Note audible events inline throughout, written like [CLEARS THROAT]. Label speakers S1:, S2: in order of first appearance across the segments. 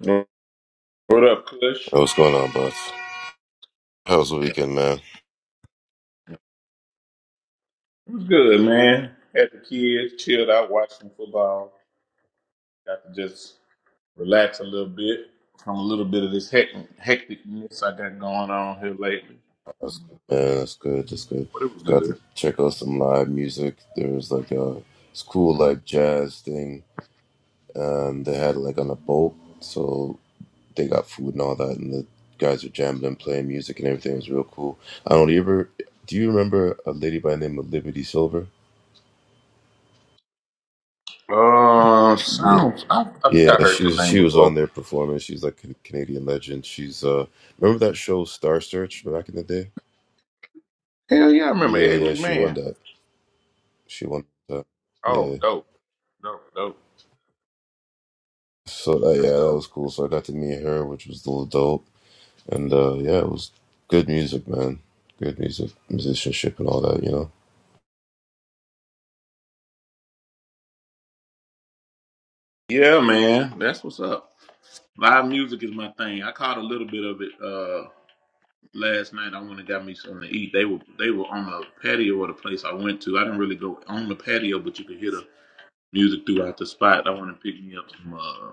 S1: What up, Kush?
S2: Hey, what's going on, boss? How was the weekend, man?
S1: What's good, man? Had the kids, chilled out, watched some football. Got to just relax a little bit from a little bit of this hectic, hecticness I got going on here lately.
S2: That's, good, man, that's good. That's good.
S1: But it was
S2: Got to
S1: good.
S2: check out some live music. There was like a it's cool like jazz thing, and they had it like on a boat, so they got food and all that, and the guys were jamming and playing music and everything. It was real cool. I don't ever. Do you remember a lady by the name of Liberty Silver?
S1: Uh,
S2: Yeah,
S1: sounds. I, I think I
S2: yeah.
S1: heard that
S2: She's
S1: name
S2: she was on
S1: before.
S2: there performing. She's like a Canadian legend. She's uh, remember that show Star Search back in the day?
S1: Hell yeah, I remember
S2: Yeah,
S1: Ed
S2: yeah. She won
S1: McMahon.
S2: that. She wanted to, yeah.
S1: Oh, dope, dope, dope.
S2: So uh, yeah,
S1: That's
S2: that
S1: dope.
S2: was cool. So I got to meet her, which was a little dope. And uh, yeah, it was good music, man. Good music, musicianship, and all that. You
S1: Yeah, man, that's what's up. Live music is my thing. I caught a little bit of it Uh. last night I went and got me something to eat. They were they were on the patio of the place I went to. I didn't really go on the patio, but you could hear the music throughout the spot. I went and picked me up some. Uh,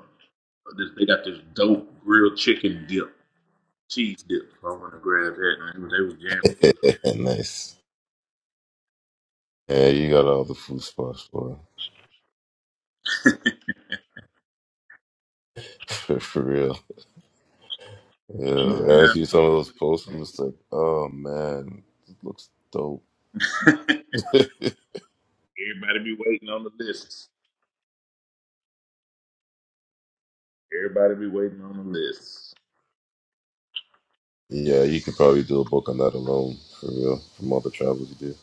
S1: this, they got this dope grilled chicken dip, cheese dip. So I went and grabbed that, and they was jamming.
S2: know, [LAUGHS] nice. Yeah, you got all the food spots, boy.
S1: [LAUGHS]
S2: [LAUGHS] For, for real. Yeah, man. I see some of those posts.
S1: yeah,
S2: I'm just like, oh man, it looks dope.
S1: man. [LAUGHS]
S2: [LAUGHS]
S1: everybody be waiting on the lists. Everybody be waiting on the lists.
S2: yeah, you could probably do a book on that alone, for real, from all the travels you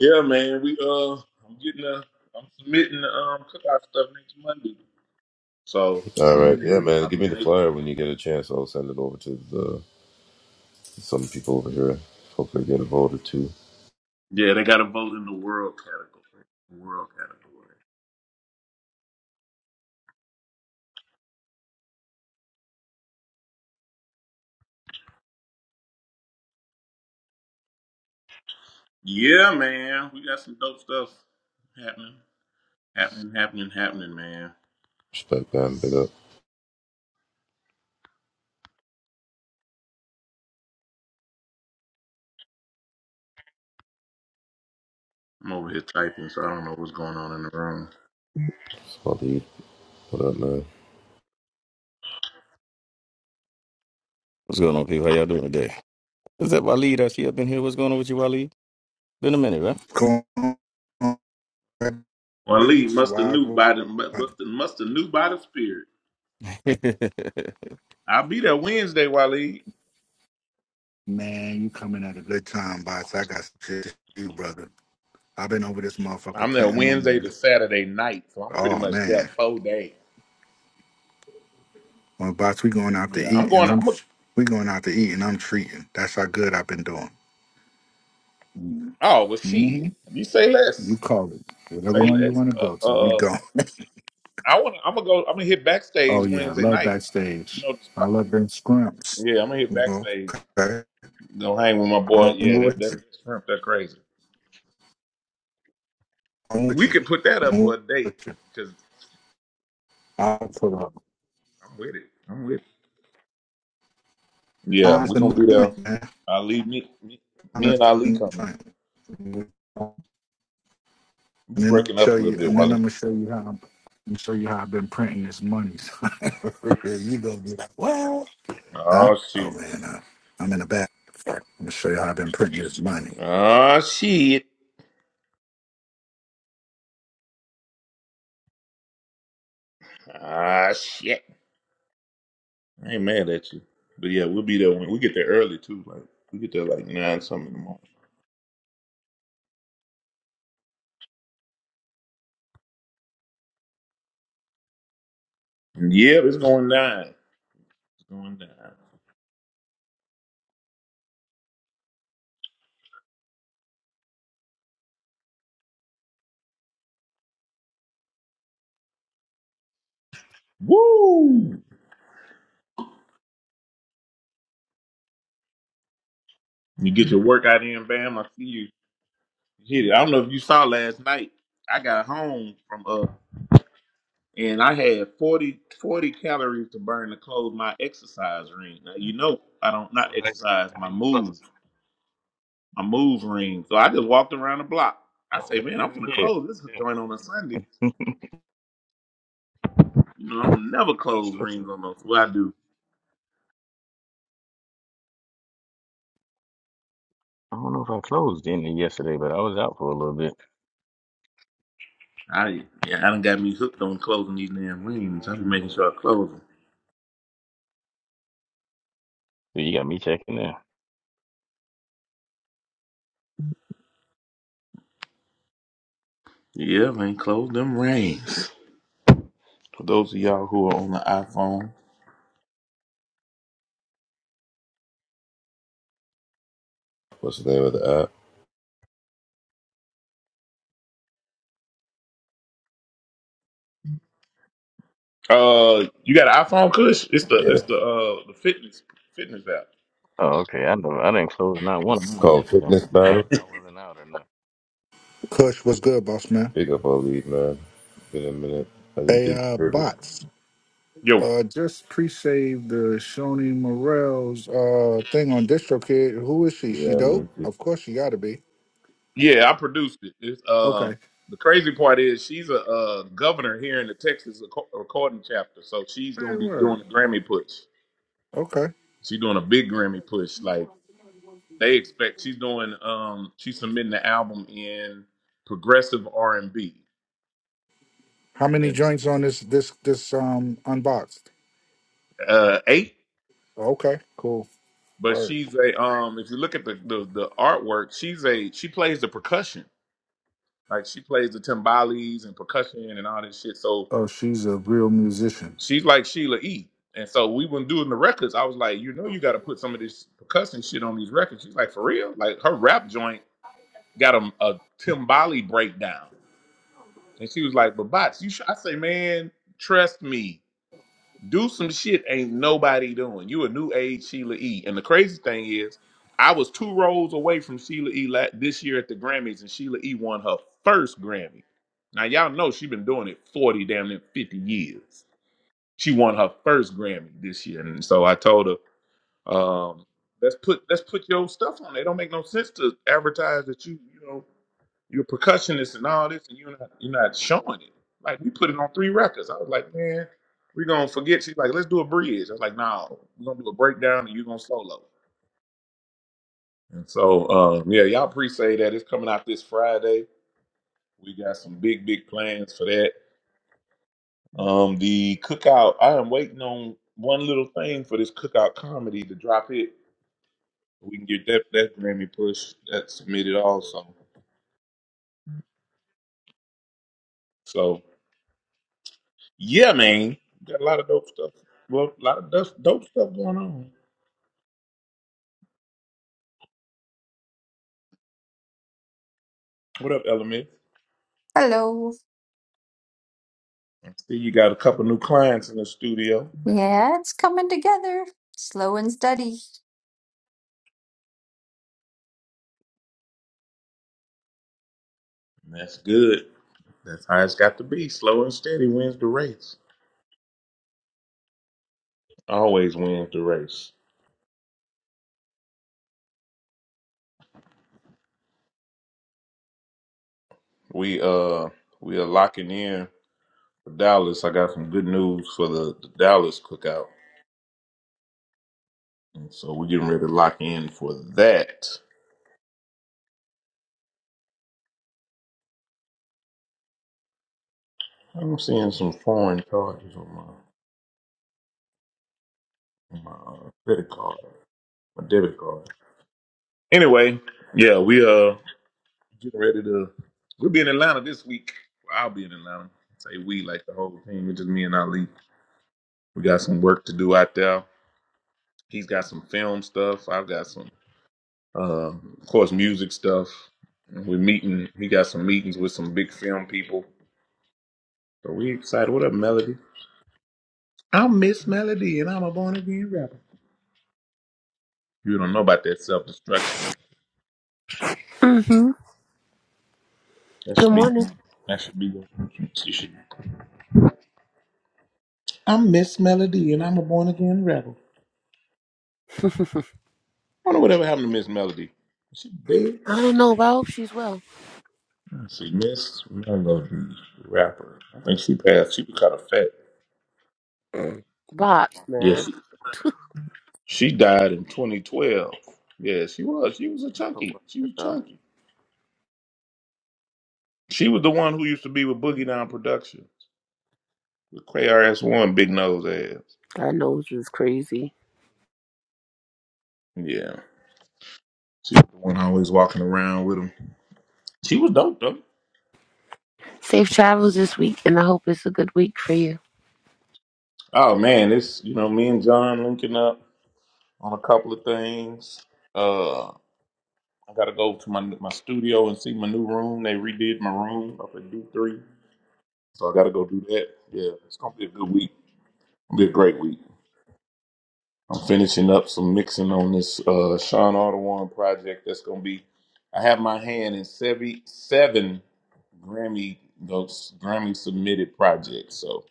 S1: Yeah, man. We uh, I'm getting a, I'm submitting the um cookout stuff next Monday. So
S2: do. All right, yeah, man.
S1: I'll
S2: Give
S1: be
S2: me
S1: in
S2: the
S1: it.
S2: flyer when you get a chance. I'll send it over to the Some people over here hopefully get involved vote or two.
S1: Yeah, they got a vote in the world category. World category. Yeah, man. We got some dope stuff happening. Happening, happening, happening, man.
S2: Respect them, big up,
S1: I'm over here typing, so I don't know what's going on in the room.
S2: small lead. What up, man?
S3: What's going on, people? How y'all doing today? Is that Waleed? Is she up in here? What's going on with you, Waleed? Been a minute, right?
S4: Corinth
S1: Waleed must have knew
S4: Swaggle.
S1: by the mu- must have must have knew by the spirit.
S3: [LAUGHS]
S1: I'll be there Wednesday, Waleed.
S4: Man, you coming at a good time, boss. I got shit to do, brother. I've been over this motherfucker
S1: I'm there
S4: printing money.
S1: Wednesday to
S4: man.
S1: Saturday night, so I'm pretty
S4: Oh
S1: much there
S4: man.
S1: four days.
S4: Well, boss, we going out to
S1: Yeah, I'm
S4: eat and
S1: going.
S4: I'm
S1: I'm a,
S4: we going out to eat and I'm treating. That's how good I've been doing.
S1: oh well,
S4: Mm-hmm.
S1: shit. You say
S4: You
S1: less.
S4: call it. Whatever
S1: Say
S4: one you
S1: less.
S4: want to go
S1: Uh,
S4: to, we
S1: uh
S4: go.
S1: I want. to I'm gonna go. I'm gonna hit
S4: Oh
S1: backstage
S4: yeah, I
S1: Wednesday
S4: love
S1: night. You
S4: backstage.
S1: know the
S4: I
S1: spot.
S4: love them scrimps.
S1: Yeah, I'm gonna hit backstage.
S4: Okay.
S1: Go hang with my boy.
S4: I'm
S1: Yeah, that
S4: with
S1: that
S4: you.
S1: shrimp, that crazy.
S4: I'm with
S1: We
S4: you.
S1: could put that up for
S4: I'm
S1: a date
S4: with you.
S1: because
S4: I'll put up.
S1: I'm with it. I'm with it. Yeah,
S4: Eyes
S1: we're
S4: in
S1: gonna
S4: the
S1: be there.
S4: joint, man.
S1: Ali, me, me, me and
S4: Eyes
S1: Ali
S4: in the
S1: coming.
S4: joint.
S1: You
S4: And then I'll
S1: breaking up
S4: show
S1: a little
S4: you.
S1: bit,
S4: And then I'm
S1: Wally.
S4: gonna show you how. I'm, I'm show you how I've been printing this money. [LAUGHS] So you gonna be like, well, huh?
S1: Oh
S4: Oh
S1: shit.
S4: man, uh, I'm in the back. I'm gonna show you how I've been printing this money.
S1: Oh shit. Oh shit. I ain't mad at you, but yeah, we'll be there when we get there early too. Like we get there like nine something in the morning. Yep, it's going down. It's going down. Woo! You get your workout in, bam. I see you. hit it. I don't know if you saw last night. I got home from uh and I had 40 40 calories to burn to close my exercise ring. Now you know I don't
S3: So
S1: not
S3: how
S1: exercise
S3: how
S1: my
S3: you
S1: move
S3: closing?
S1: my move ring. So I just walked around the block. I
S3: Uh,
S1: say, man, I'm gonna
S3: yeah,
S1: close this
S3: yeah.
S1: joint on a Sunday. You know, I don't never
S3: I'm
S1: close
S3: supposed to.
S1: rings on those. What I do,
S3: I don't know if I closed in it yesterday, but I was out for a little bit.
S1: I yeah, I done got me hooked on closing these damn rings. I
S3: Hey,
S1: be making
S3: buddy.
S1: sure I close them.
S3: Dude, you got me checking there.
S1: Yeah, man, close them rings. For those of y'all who are on the iPhone,
S2: What's the name of the app?
S1: Uh, you got an iPhone, Kush? It's the
S2: Yeah,
S1: it's the uh the fitness fitness app.
S3: Oh, okay. I know. I didn't close not one of
S2: it's
S3: mine
S2: called
S3: yesterday.
S2: Fitness
S3: I ain't-
S2: Battle.
S3: I wasn't out or nothing.
S4: Kush, what's good, boss man?
S2: Big up, all lead, man. It's been a minute. I didn't
S4: Hey,
S2: think
S4: uh,
S2: you heard it.
S4: bots.
S1: Yo,
S4: Uh, just pre-saved the Shoni Morel's uh thing on DistroKid. Who is she? She
S2: Yeah, I
S4: dope?
S2: mean,
S4: Of course she gotta be.
S1: yeah, I produced it. It's uh
S4: Okay.
S1: the crazy part is she's a uh governor here in the Texas reco- recording chapter, so she's gonna
S4: Very
S1: be doing
S4: word.
S1: a Grammy push.
S4: Okay.
S1: She's doing a big Grammy push. Like they expect, she's doing um she's submitting the album in progressive R and B.
S4: How many
S1: It's
S4: joints on this this this um unboxed?
S1: uh eight,
S4: Okay, cool.
S1: but
S4: Word.
S1: she's a um if you look at the the, the artwork, she's a she plays the percussion. Like she plays the timbales and percussion and all this shit. So
S4: Oh, she's a real musician.
S1: she's like Sheila E. And so we were doing the records, I was like, you know, you got to put some of this percussion shit on these records. She's like, for real? Like her rap joint got a, a timbali breakdown, and she was like, but bots, you. should. I say, man, trust me. do some shit ain't nobody doing. You a new age Sheila E. And the crazy thing is, I was two rows away from Sheila E. la- this year at the Grammys, and Sheila E. won her first Grammy. Now y'all know she been doing it forty damn near fifty years. She won her first Grammy this year, and so I told her, um, let's put let's put your stuff on. It don't make no sense to advertise that you you know. You're a percussionist and all this, and you're not you're not showing it. Like we put it on three records. I was like, man, we're gonna forget. She's like, let's do a bridge. I was like, no, we're gonna do a breakdown and you're gonna solo. And so um, yeah, y'all pre-say that it's coming out this Friday. We got some big, big plans for that. Um, the cookout, I am waiting on one little thing for this cookout comedy to drop it. We can get that that Grammy push that submitted also. So Yeah, man. Got a lot of dope stuff. Well, a lot of dope dope stuff going on. What up, Element?
S5: Hello.
S1: I see you got a couple new clients in the studio.
S5: Yeah, it's coming together. Slow and steady.
S1: That's good. That's how it's got to be. Slow and steady wins the race. Always wins the race. We uh we are locking in for Dallas. I got some good news for the, the Dallas cookout. And so we're getting ready to lock in for that. I'm seeing some foreign charges on my on my uh, credit card, my debit card. Anyway, yeah, we uh getting ready to we'll be in Atlanta this week. Well, I'll be in Atlanta. Say we like the whole team. It's just me and Ali. We got some work to do out there. He's got some film stuff. I've got some uh of course music stuff. We're meeting he got some meetings with some big film people. So we excited. What up, Melody? I'm Miss Melody and I'm a born again rapper. You don't know about that self destruction.
S6: Mm-hmm.
S1: That
S6: Good
S1: should be
S6: morning.
S1: that should be you should I'm Miss Melody and I'm a born again rapper. I don't know whatever happened to Miss Melody. Is she dead?
S6: I don't know, but I hope she's well.
S1: Let's see, Miss Melody, rapper. I think she passed. She was kind of fat.
S6: Box,
S1: Yeah,
S6: man.
S1: she, she died in 2012. Yeah, she was. She was a
S6: A
S1: chunky.
S6: while
S1: She was
S6: ago.
S1: chunky. She was the one who used to be with Boogie Down Productions with KRS One, Big Nose Ass.
S6: God knows you was crazy.
S1: Yeah, she was the one always walking around with him. She was dope though.
S6: Safe travels this week, and I hope it's a good week for you.
S1: Oh man, it's you know me and John linking up on a couple of things. Uh, I gotta go to my my studio and see my new room. They redid my room up at D three, so I gotta go do that. Yeah, it's gonna be a good week. It'll be a great week. I'm finishing up some mixing on this uh, Sean Audubon project. That's gonna be. I have my hand in seven seven Grammy those Grammy submitted projects. So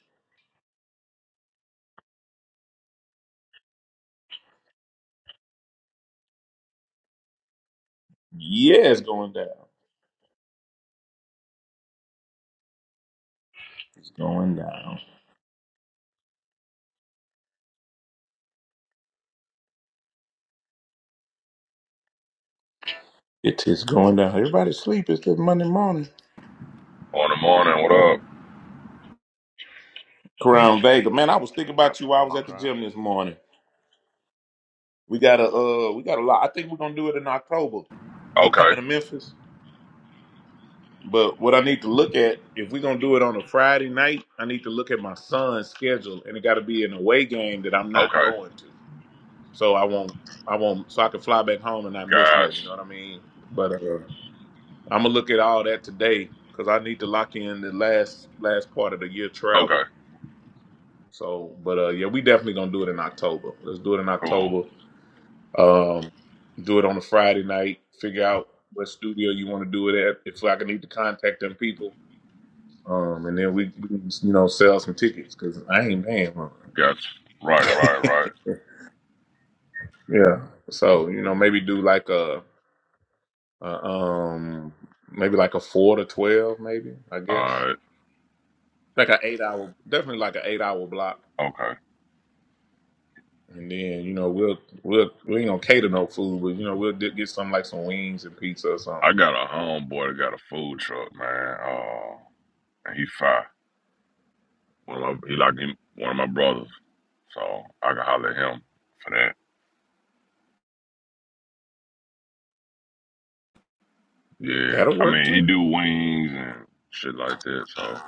S1: yeah, it's going down. It's going down. It is going down. Everybody sleep. It's just Monday morning.
S7: On the morning, what
S1: Crown Vega,
S3: I'm at
S1: man, I
S3: work.
S1: was
S3: I'm
S1: thinking
S3: at work.
S1: about you.
S3: What's
S1: while I
S3: going
S1: was
S3: on,
S1: at the
S3: crime?
S1: gym this morning. We got a uh, we got a lot. I think we're gonna do it in October.
S7: up?
S1: Me coming
S7: Okay,
S1: to Memphis, but what I need to look at if we're gonna do it on a Friday night, I need to look at my son's schedule, and it got to be an away game that I'm not
S7: okay,
S1: going to. So I won't, I won't, so I can fly back home and not miss nothing. You know
S7: guys.
S1: what I mean? But uh, I'm gonna look at all that today because I need to lock in the last last part of the year travel.
S7: Okay,
S1: So, but uh, yeah, we definitely gonna do it in October. Let's do it in
S7: cool.
S1: October. Um, do it on a Friday night. Figure out what studio you want to do it at. If like, I can need to contact them people, um, and then we, we can you know sell some tickets because I ain't paying for
S7: Gotcha. Right, right,
S1: it.
S7: right.
S1: [LAUGHS] yeah. So you know maybe do like a, a um maybe like a four to twelve maybe I guess
S7: Alright,
S1: like an eight hour definitely like an eight hour block.
S7: okay.
S1: And then you know we'll we'll we ain't gonna cater no food, but you know we'll di- get something like some wings and pizza or
S7: I
S1: something.
S7: got a homeboy that got a food truck, man. Uh, and he fine. One of my, he like him, one of my brothers. So I can holler at him for that. Yeah.
S1: That'll
S7: I
S1: work
S7: mean, he
S1: too.
S7: do wings and shit like that. So,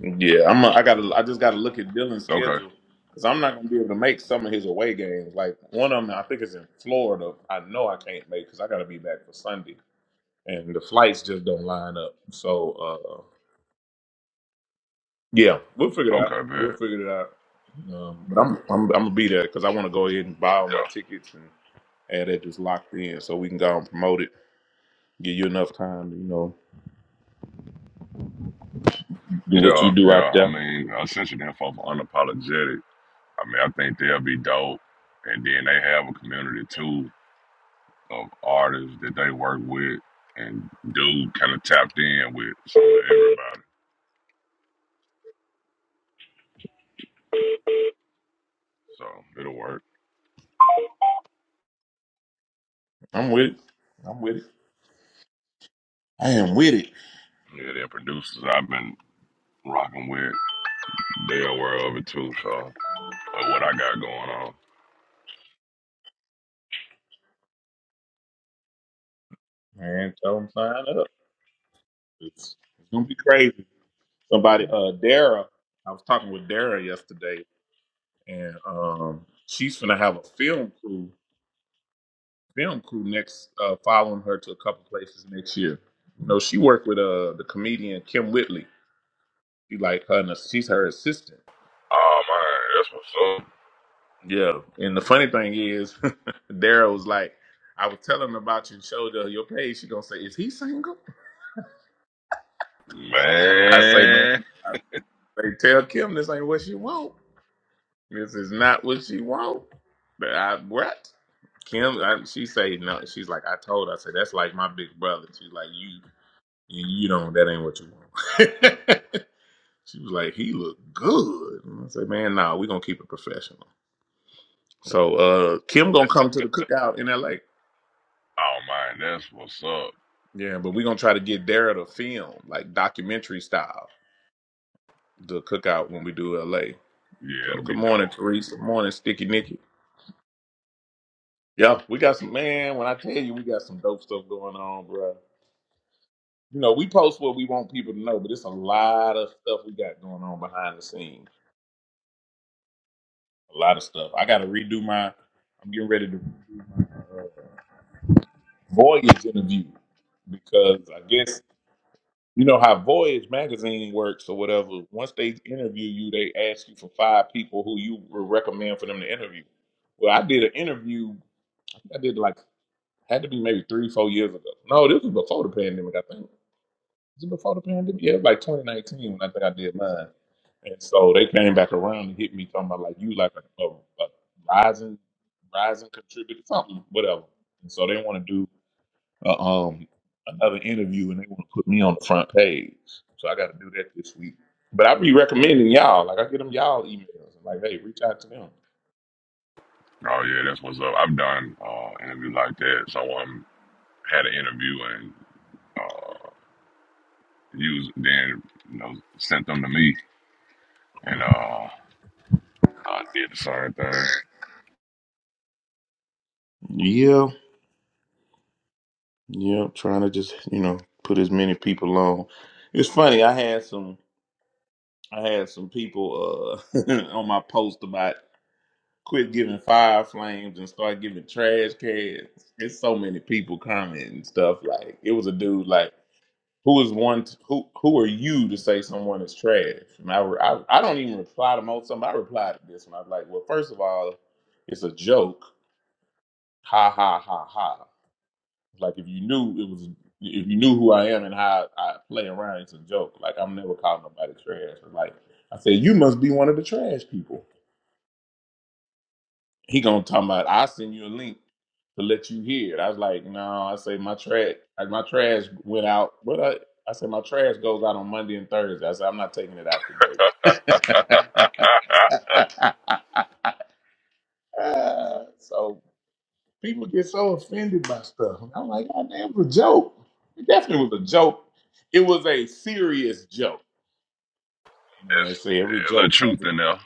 S1: Yeah, I'm. A, I gotta. I just gotta look at Dylan's
S7: okay,
S1: schedule because I'm not gonna be able to make some of his away games. Like one of them, I think is in Florida. I know I can't make because I gotta be back for Sunday, and the flights just don't line up. So uh, yeah, we'll figure it out.
S7: okay,
S1: We'll
S7: man.
S1: figure it out. Um, but I'm, I'm I'm gonna be there because I want to go ahead and buy all my tickets and have that just locked in so we can go and promote it. Give you enough time to you know do
S7: Yeah,
S1: what you
S7: yeah,
S1: do out
S7: yeah. I
S1: there.
S7: mean, I sent you the info for unapologetic. I mean, I think they'll be dope. And then they have a community too of artists that they work with and dude kind of tapped in with so everybody. So it'll work.
S1: I'm with it. I'm with it. I am with it.
S7: Yeah, their producers I've been rocking with, they're aware of it too. So of what I got going on.
S1: Man, tell them sign up. It's, it's gonna be crazy. Somebody, uh, Dara, I was talking with Dara yesterday, and um, she's gonna have a film crew, film crew next, uh, following her to a couple places next year. You know, she worked with uh the comedian Kim Whitley. She like her, and she's her assistant.
S7: Oh man, that's what's
S1: Yeah, and the funny thing is, [LAUGHS] Dara was like, I was telling her about you and showed her your page. She gonna say, is he single?
S7: up.
S1: I say, man,
S7: Man.
S1: they tell Kim this ain't what she want. This is not what she want. But I, what? Kim, I, she say no. She's like, I told. her, I said that's like my big brother. She's like, you, you, you don't. That ain't what you want. [LAUGHS] she was like, he look good. And I said, man, nah, we gonna keep it professional. So uh, Kim gonna come to the cookout in L.A.
S7: Oh man, that's what's up.
S1: Yeah, but we gonna try to get Dara to film like documentary style the cookout when we do L.A.
S7: Yeah,
S1: So
S7: it'll
S1: good
S7: be
S1: morning,
S7: dope.
S1: Teresa. Good morning, Sticky Nicky. Yeah, we got some man. When I tell you, we got some dope stuff going on, bro. You know, we post what we want people to know, but it's a lot of stuff we got going on behind the scenes. A lot of stuff. I got to redo my. I'm getting ready to redo my uh, Voyage interview because I guess you know how Voyage magazine works or whatever. Once they interview you, they ask you for five people who you would recommend for them to interview. Well, I did an interview. I did like had to be maybe three, four years ago. No, this was before the pandemic. I think. Is it before the pandemic? Yeah, it was like 2019 when I think I did mine. And so they came back around and hit me talking about like you like a, a, a rising rising contributor something whatever. And so they want to do uh, um another interview and they want to put me on the front page. So I got to do that this week. But I be recommending y'all like I get them y'all emails I'm like hey reach out to them.
S7: Oh yeah, that's what's up. I've done uh interview like that. Someone had an interview and uh used then you know sent them to me and uh I did the same thing.
S1: Yeah, yeah, trying to just you know put as many people on. It's funny I had some I had some people uh [LAUGHS] on my post about Quit giving fire flames and start giving trash cans. It's so many people commenting and stuff. Like it was a dude like, who is one? T- who who are you to say someone is trash? And I re- I, I don't even reply to most of them. I replied to this one. I was like, well, first of all, it's a joke. Ha ha ha ha. Like if you knew it was, if you knew who I am and how I play around, it's a joke. Like I'm never calling nobody trash. But like I said, you must be one of the trash people. He gonna talk about I send you a link to let you hear it. I was like, no, I say my trash like my trash went out. but I I said my trash goes out on Monday and Thursday. I said I'm not taking it out today.
S7: [LAUGHS]
S1: [LAUGHS] so people get so offended by stuff. I'm like, God damn, it was a joke. It definitely was a joke. It was a serious joke. And They
S7: It's
S1: say every
S7: a little
S1: joke
S7: truth
S1: has
S7: in there.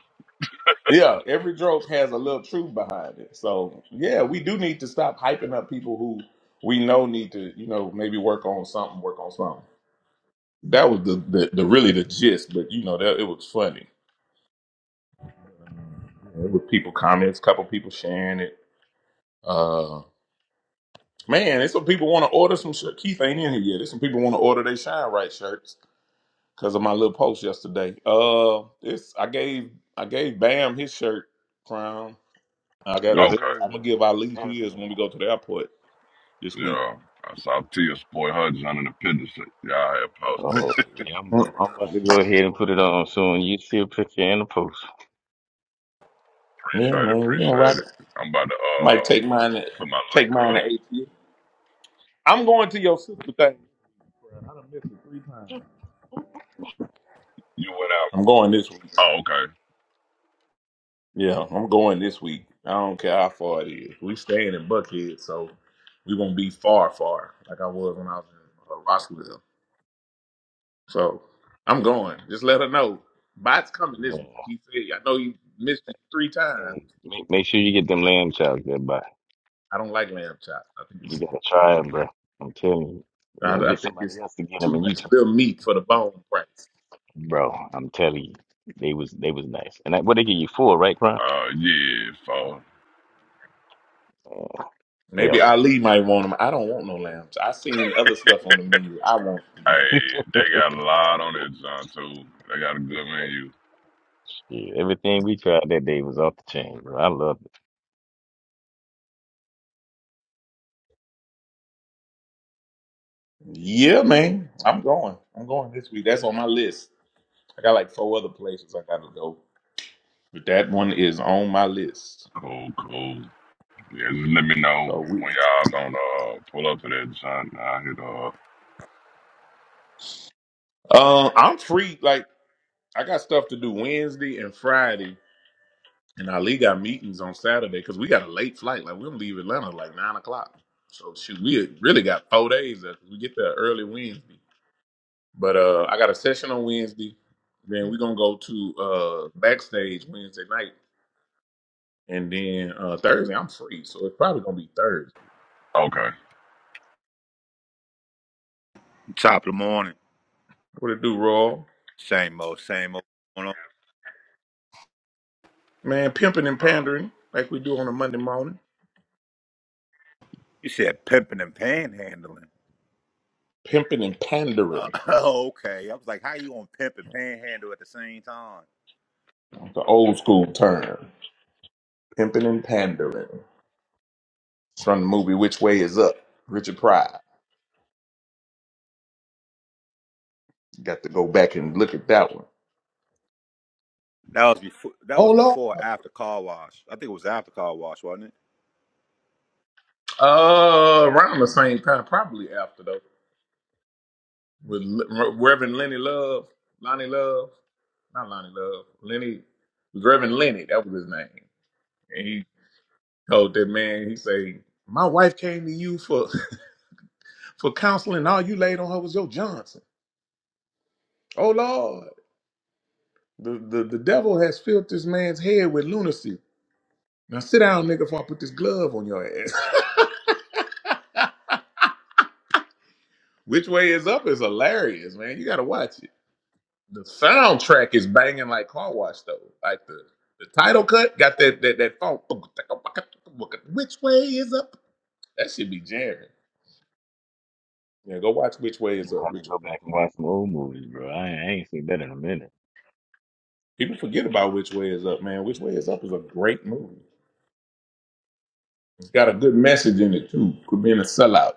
S1: Yeah, every joke has a little truth behind it. So yeah, we do need to stop hyping up people who we know need to, you know, maybe work on something, work on something. That was the the, the really the gist, but you know, that it was funny. It was people comments, couple people sharing it. Uh man, there's some people want to order some shirt. Keith ain't in here yet. There's some people want to order they shine right shirts because of my little post yesterday. Uh this I gave I gave Bam his shirt crown. I got. I,
S3: Yes,
S7: Okay.
S1: I'm gonna
S3: sir.
S1: give Ali his
S3: Definitely.
S1: when we go to the airport this week.
S7: Yeah. I saw Tia spoil Hudson under the picture. shit. Yeah, I had posted.
S1: Mm,
S3: Oh, yeah. I'm, I'm.
S1: mm.
S3: I'm about to go ahead and put it on soon. You see a picture in the post.
S1: Yeah,
S7: Appreciate it,
S1: man, we gonna
S7: appreciate
S1: rock. it.
S7: it. I'm about to
S1: Might
S7: uh
S1: take mine. To,
S7: put my
S1: take
S7: link
S1: mine to
S7: up.
S1: ATL. I'm going to your sister thing. bro. I done missed it three times.
S7: You went out.
S1: I'm going this week.
S7: Oh, okay.
S1: Yeah, I'm going this week. I don't care how far it is. We staying in Buckhead, so we won't be far, far like I was when I was in uh, Roswell. So I'm going. Just let her know. Bot's coming this
S3: Man,
S1: week. He said, I know you missed it three times.
S3: hey, make, make sure you get them lamb chops there, bud.
S1: I don't like lamb chops. I think
S3: You
S1: it's
S3: gotta try it, bro. I'm telling you. You
S1: I,
S3: know,
S1: I
S3: get
S1: think
S3: somebody
S1: it's
S3: else to get them,
S1: too
S3: and you
S1: much
S3: try,
S1: little meat for the bone price.
S3: bro. I'm telling you, they was they was nice. And that, what they give you full, right, Brian?
S7: Uh yeah, so
S3: Oh, they
S1: Maybe
S3: off the chain.
S1: Ali might want them. I don't want no lambs. I seen other stuff on the menu. I want.
S7: hey, they got a lot on that John too. They got a good
S3: Yeah,
S7: menu.
S3: yeah. Everything we tried that day was off the chain, bro. I loved it.
S1: Yeah, man. I'm going. I'm going this week. That's on my list. I got like four other places I gotta go, but that one is on my list.
S7: Cool, cool. Yeah, just let me know when
S1: So we.
S7: y'all gonna uh, pull up to that, son. I hit uh
S1: Uh, I'm free. Like I got stuff to do Wednesday and Friday, and Ali got meetings on Saturday because we got a late flight. Like we're gonna leave Atlanta like nine o'clock. So shoot, we really got four days. If we get there early Wednesday. But uh, I got a session on Wednesday. Then we're gonna go to uh, backstage Wednesday night, and then uh, Thursday I'm free, so it's probably gonna be Thursday.
S7: okay.
S8: Top of the morning.
S1: What it do, Royal?
S8: Same old, same old. going on.
S1: Man, pimping and pandering like we do on a Monday morning.
S8: You said pimping and panhandling.
S1: Pimping and
S8: Uh,
S1: pandering,
S8: [LAUGHS] oh, okay. I was like, how you on to pimp and panhandle at the same time?
S1: the old school term. Pimping and pandering. It's from the movie Which Way Is Up? Richard Pryor. Got to go back and look at that one.
S8: That was before. That
S1: Oh
S8: was
S1: Lord.
S8: before or after car wash. I think it was after car wash, wasn't it?
S1: Uh, around the same time, probably after though, with Le- Reverend Lenny Love, Lonnie Love. not Lonnie Love. Lenny Reverend Lenny, that was his name. And he told that man, he say, My wife came to you for [LAUGHS] for counseling, And all you laid on her was your Johnson. Oh Lord. The, the the devil has filled this man's head with lunacy. Now sit down, nigga, before I put this glove on your ass. [LAUGHS] Which way is up is hilarious, man. You gotta watch it. The soundtrack is banging like car wash though. Like the the title cut got that that that funk. Which way is up? That should be jamming. Yeah, go watch Which Way
S3: You
S1: Is
S3: know,
S1: Up.
S3: I need to
S1: Which
S3: go back and watch some old movies, bro. I, I ain't seen that in a minute.
S1: people forget about Which Way Is Up, man. Which Way Is Up is a great movie. It's got a good message in it too. Could be in a sellout.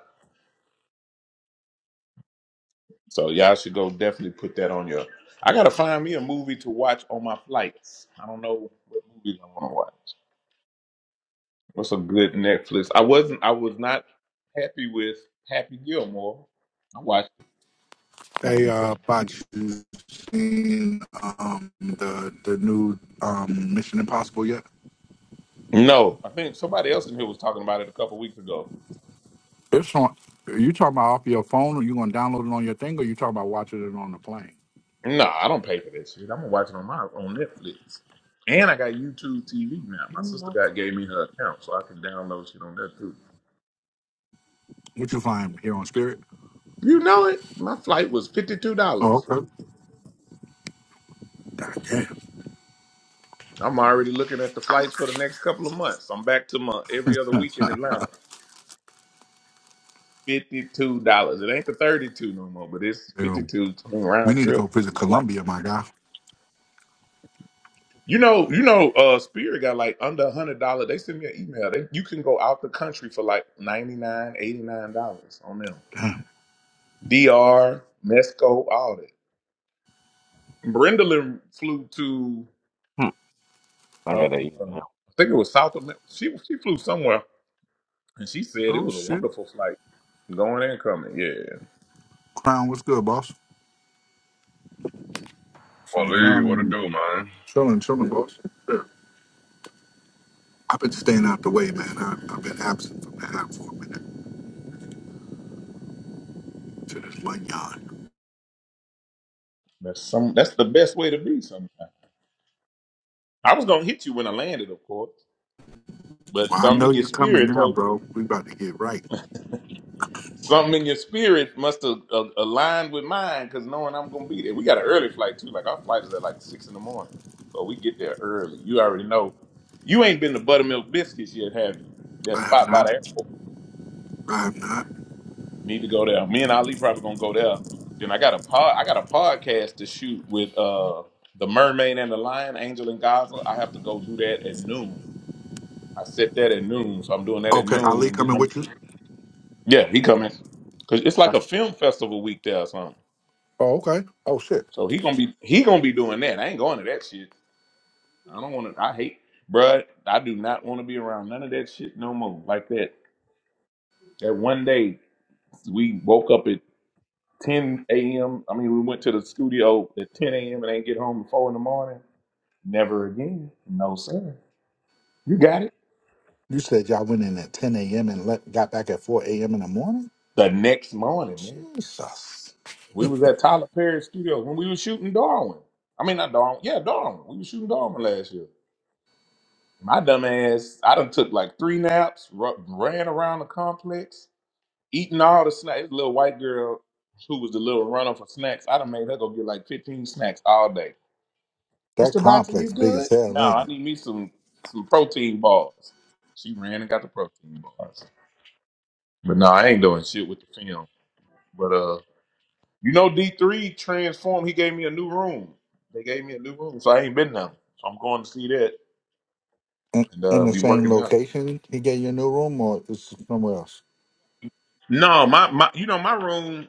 S1: So y'all should go definitely put that on your. I gotta find me a movie to watch on my flights. I don't know what movies I want to watch. What's a good Netflix? I wasn't. I was not happy with Happy Gilmore. I watched.
S4: Hey,
S1: it.
S4: uh, Bach, you seen um the the new um Mission Impossible yet?
S1: No, I think somebody else in here was talking about it a couple weeks ago.
S4: It's on. Are You talking about off your phone, or you gonna download it on your thing, or you talking about watching it on the plane?
S1: No, I don't pay for that shit. I'm gonna watch it on my on Netflix. And I got YouTube TV now. My sister got gave me her account, so I can download shit on that too.
S4: What you find here on Spirit?
S1: You know it. My flight was fifty two
S4: Oh,
S1: dollars.
S4: okay. God damn.
S1: I'm already looking at the flights for the next couple of months. I'm back to my every other week in Atlanta. Fifty two dollars. It ain't the thirty two no more, but it's fifty
S4: Ew.
S1: two
S4: We
S1: round
S4: need to go
S1: trip. It's
S4: visit
S1: a flight.
S4: Colombia, my guy.
S1: You know, you know, uh Spirit got like under a hundred dollars. They send me an email. They, you can go out the country for like ninety nine, eighty nine dollars on them. DR, Mesco, all that. Brenda Lynn flew to,
S3: Hmm. I
S1: uh,
S3: gotta email.
S1: I think it was South America. She, she flew somewhere, and she said it
S4: Oh
S1: was a
S4: shit.
S1: wonderful flight, going and coming. Yeah,
S4: Crown, what's good, boss?
S7: Well,
S4: Shit,
S7: Lee, what it
S4: Crown,
S7: do, man?
S4: chilling, chilling, boss. I've been staying out the way, man. I, I've been absent from the app for a minute to this lunyon.
S1: that's some. That's the best way to be. Sometimes I was gonna hit you when I landed, of course, but
S4: Well, I
S1: something
S4: know
S1: in your
S4: you're coming
S1: spirit
S4: now,
S1: told you.
S4: bro. We about to get right.
S1: Something in your spirit must have uh, aligned with mine because knowing I'm going to be there. We got an early flight too. Like our flight is at like six in the morning. So we get there early. You already know. You ain't been to Buttermilk Biscuits yet, have you? That
S4: I have
S1: spot by the
S4: not.
S1: airport.
S4: I have not.
S1: Need to go there. Me and Ali probably gonna go there. Then I got a pod I got a podcast to shoot with uh the mermaid and the lion, Angel and Gaza. I have to go do that at noon. I set that at noon, so I'm doing that at
S4: Okay,
S1: noon
S4: Ali
S1: and then
S4: coming
S1: I'm
S4: with you?
S1: Yeah, he coming. Cause it's like a
S4: That's-
S1: film festival week there or something.
S4: Oh, okay. Oh, shit.
S1: So he gonna be he gonna be doing that. I ain't going to that shit. I don't want to. I hate, bruh. I do not want to be around none of that shit no more. Like that. That one day we woke up at 10 a.m. I mean, we went to the studio at 10 a.m. and ain't get home before in the morning. Never again. No sir. You got it.
S4: You said y'all went in at 10 a.m. and let, got back at 4 a.m. in the morning?
S1: The next morning, man,
S4: Jesus.
S1: we was at Tyler Perry Studios when we was shooting Darwin. I mean, not Darwin. Yeah, Darwin. We was shooting Darwin last year. My dumb ass, I done took like three naps, ru- ran around the complex eating all the snacks. Little white girl who was the little runner for snacks. I done made her go get like fifteen snacks all day.
S4: That
S1: Mister Boxer, you
S4: complex big
S1: good?
S4: as
S1: No,
S4: hell, ain't
S1: I
S4: it?
S1: need me some some protein bars. She ran and got the protein bars. But no, I ain't doing shit with the film. But uh, you know, D three transformed. He gave me a new room. They gave me a new room, so I ain't been there. So I'm going to see that
S4: In,
S1: and
S4: in
S1: uh,
S4: the
S1: be
S4: same
S1: working out.
S4: location he gave you a new room or is it somewhere else?
S1: No, my my, you know, my room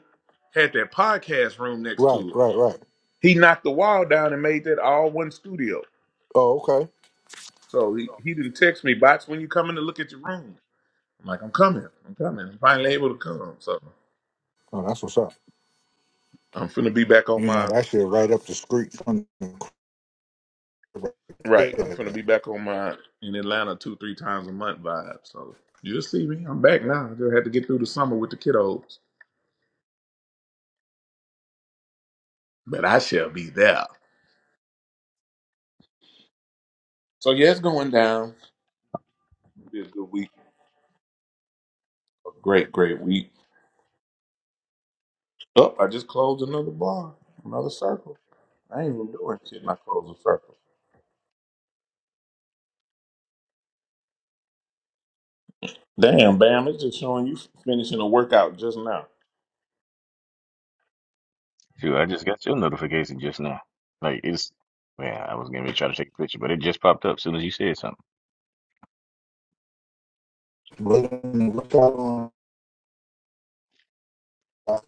S1: had that podcast room next
S4: Right,
S1: to it.
S4: right, right.
S1: He knocked the wall down and made that all one studio.
S4: Oh, okay.
S1: So he, he didn't text me, Bots, when you coming to look at your room? I'm like, I'm coming. I'm coming. I'm finally able to come. So
S4: Oh, that's what's up.
S1: I'm finna be back on
S4: You know,
S1: my
S4: that shit right up the street from
S1: right. I'm
S4: there.
S1: finna be back on my in Atlanta two, three times a month vibe. So you'll see me. I'm back now. I just had to get through the summer with the kiddos. But I shall be there. So yeah, it's going down. It'll be a good week. A great, great week. Oh, I just closed another bar, another circle. I ain't even doing shit. and I closed a circle. Damn, Bam, it's just showing you finishing a workout just now.
S3: Shoot, I just got your notification just now. Like it's, man, I was gonna try to take a picture, but it just popped up as soon as you said something.
S4: But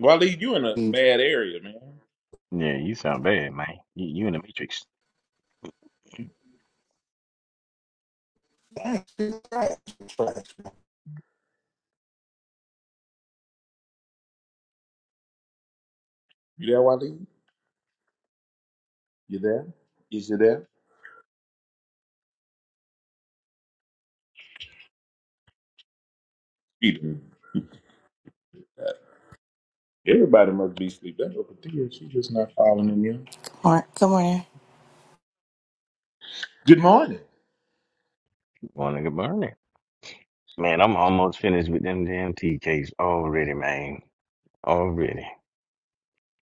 S1: Waleed, you in a bad area, man.
S3: Yeah, you sound bad, man. You, you in the matrix.
S1: You there, Waleed? You there? Is you there? He done- Everybody must be asleep. That's what Patia. She's just not following in you.
S9: Alright, come on! morning.
S1: Good morning.
S3: Morning, good morning. Man, I'm almost finished with them damn tea cakes already, man. Already.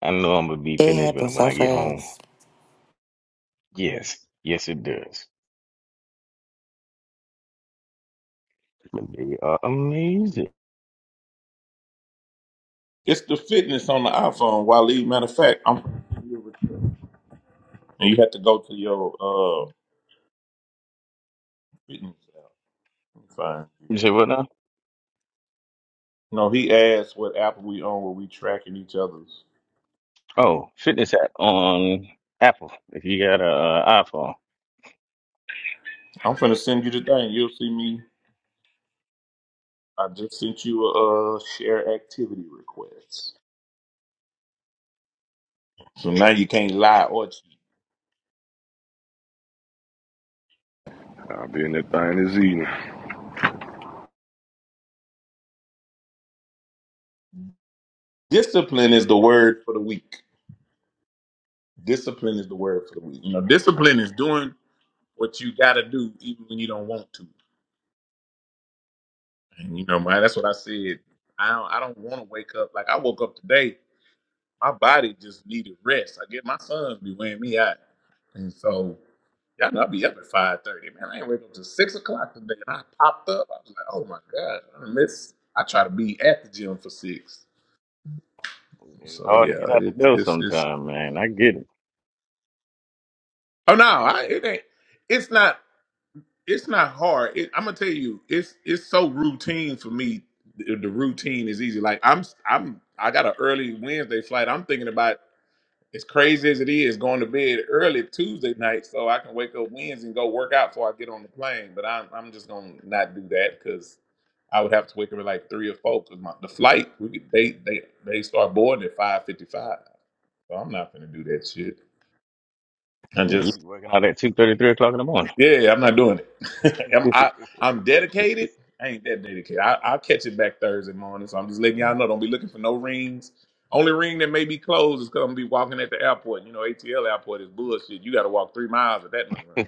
S3: I know I'm gonna be
S9: It
S3: finished with
S9: happened
S3: them when
S9: so
S3: I get home.
S9: fast.
S3: Yes, yes, it does. They are amazing.
S1: It's the fitness on the iPhone, Waleed. Matter of fact, I'm and you have to go to your uh fitness app. Let me Find you.
S3: You say what now?
S1: No, he asked what app we on where we tracking each other's.
S3: Oh, fitness app on Apple. If you got a uh, iPhone,
S1: I'm finna send you the thing. You'll see me. I just sent you a, uh share activity request. So now you can't lie or cheat.
S7: I'll be in that thing this evening.
S1: Discipline is the word for the week. Discipline is the word for the week. You know,
S3: yes, sir.
S1: discipline is doing what you got to do even when you don't want to. And you know, man, that's what I said. I don't, I don't want to wake up like I woke up today. My body just needed rest. I get my sons be wearing me out, and so. Y'all know I be up at five thirty, man. I ain't wake up till six o'clock today, and I popped up. I was like, oh my god, I miss. I try to be at the gym for six.
S3: It's
S1: So
S3: hard to
S1: yeah,
S3: get out the
S1: it's
S3: door
S1: it's it's.
S3: sometime, man. I get it.
S1: Oh no, I, it ain't. It's not. It's not hard. It, I'm gonna tell you, it's it's so routine for me. The, the routine is easy. Like I'm I'm I got an early Wednesday flight. I'm thinking about. as crazy as it is going to bed early Tuesday night so I can wake up Wednesday and go work out before I get on the plane. But I'm I'm just gonna not do that because I would have to wake up at like three or four because my the flight we could, they they they start boarding at five fifty five. So I'm not gonna do that shit. I
S3: Yeah, you
S1: just
S3: be working out at two thirty, three o'clock in the morning.
S1: Yeah, yeah, I'm not doing it. [LAUGHS]
S3: [LAUGHS]
S1: I'm
S3: yeah,
S1: I, I'm dedicated. I ain't that dedicated. I, I'll catch it back Thursday morning. So I'm just letting y'all know. Don't be looking for no rings. Only ring that may be closed is because I'm gonna be walking at the airport. You know, ATL airport is bullshit. You got to walk three miles at that much money.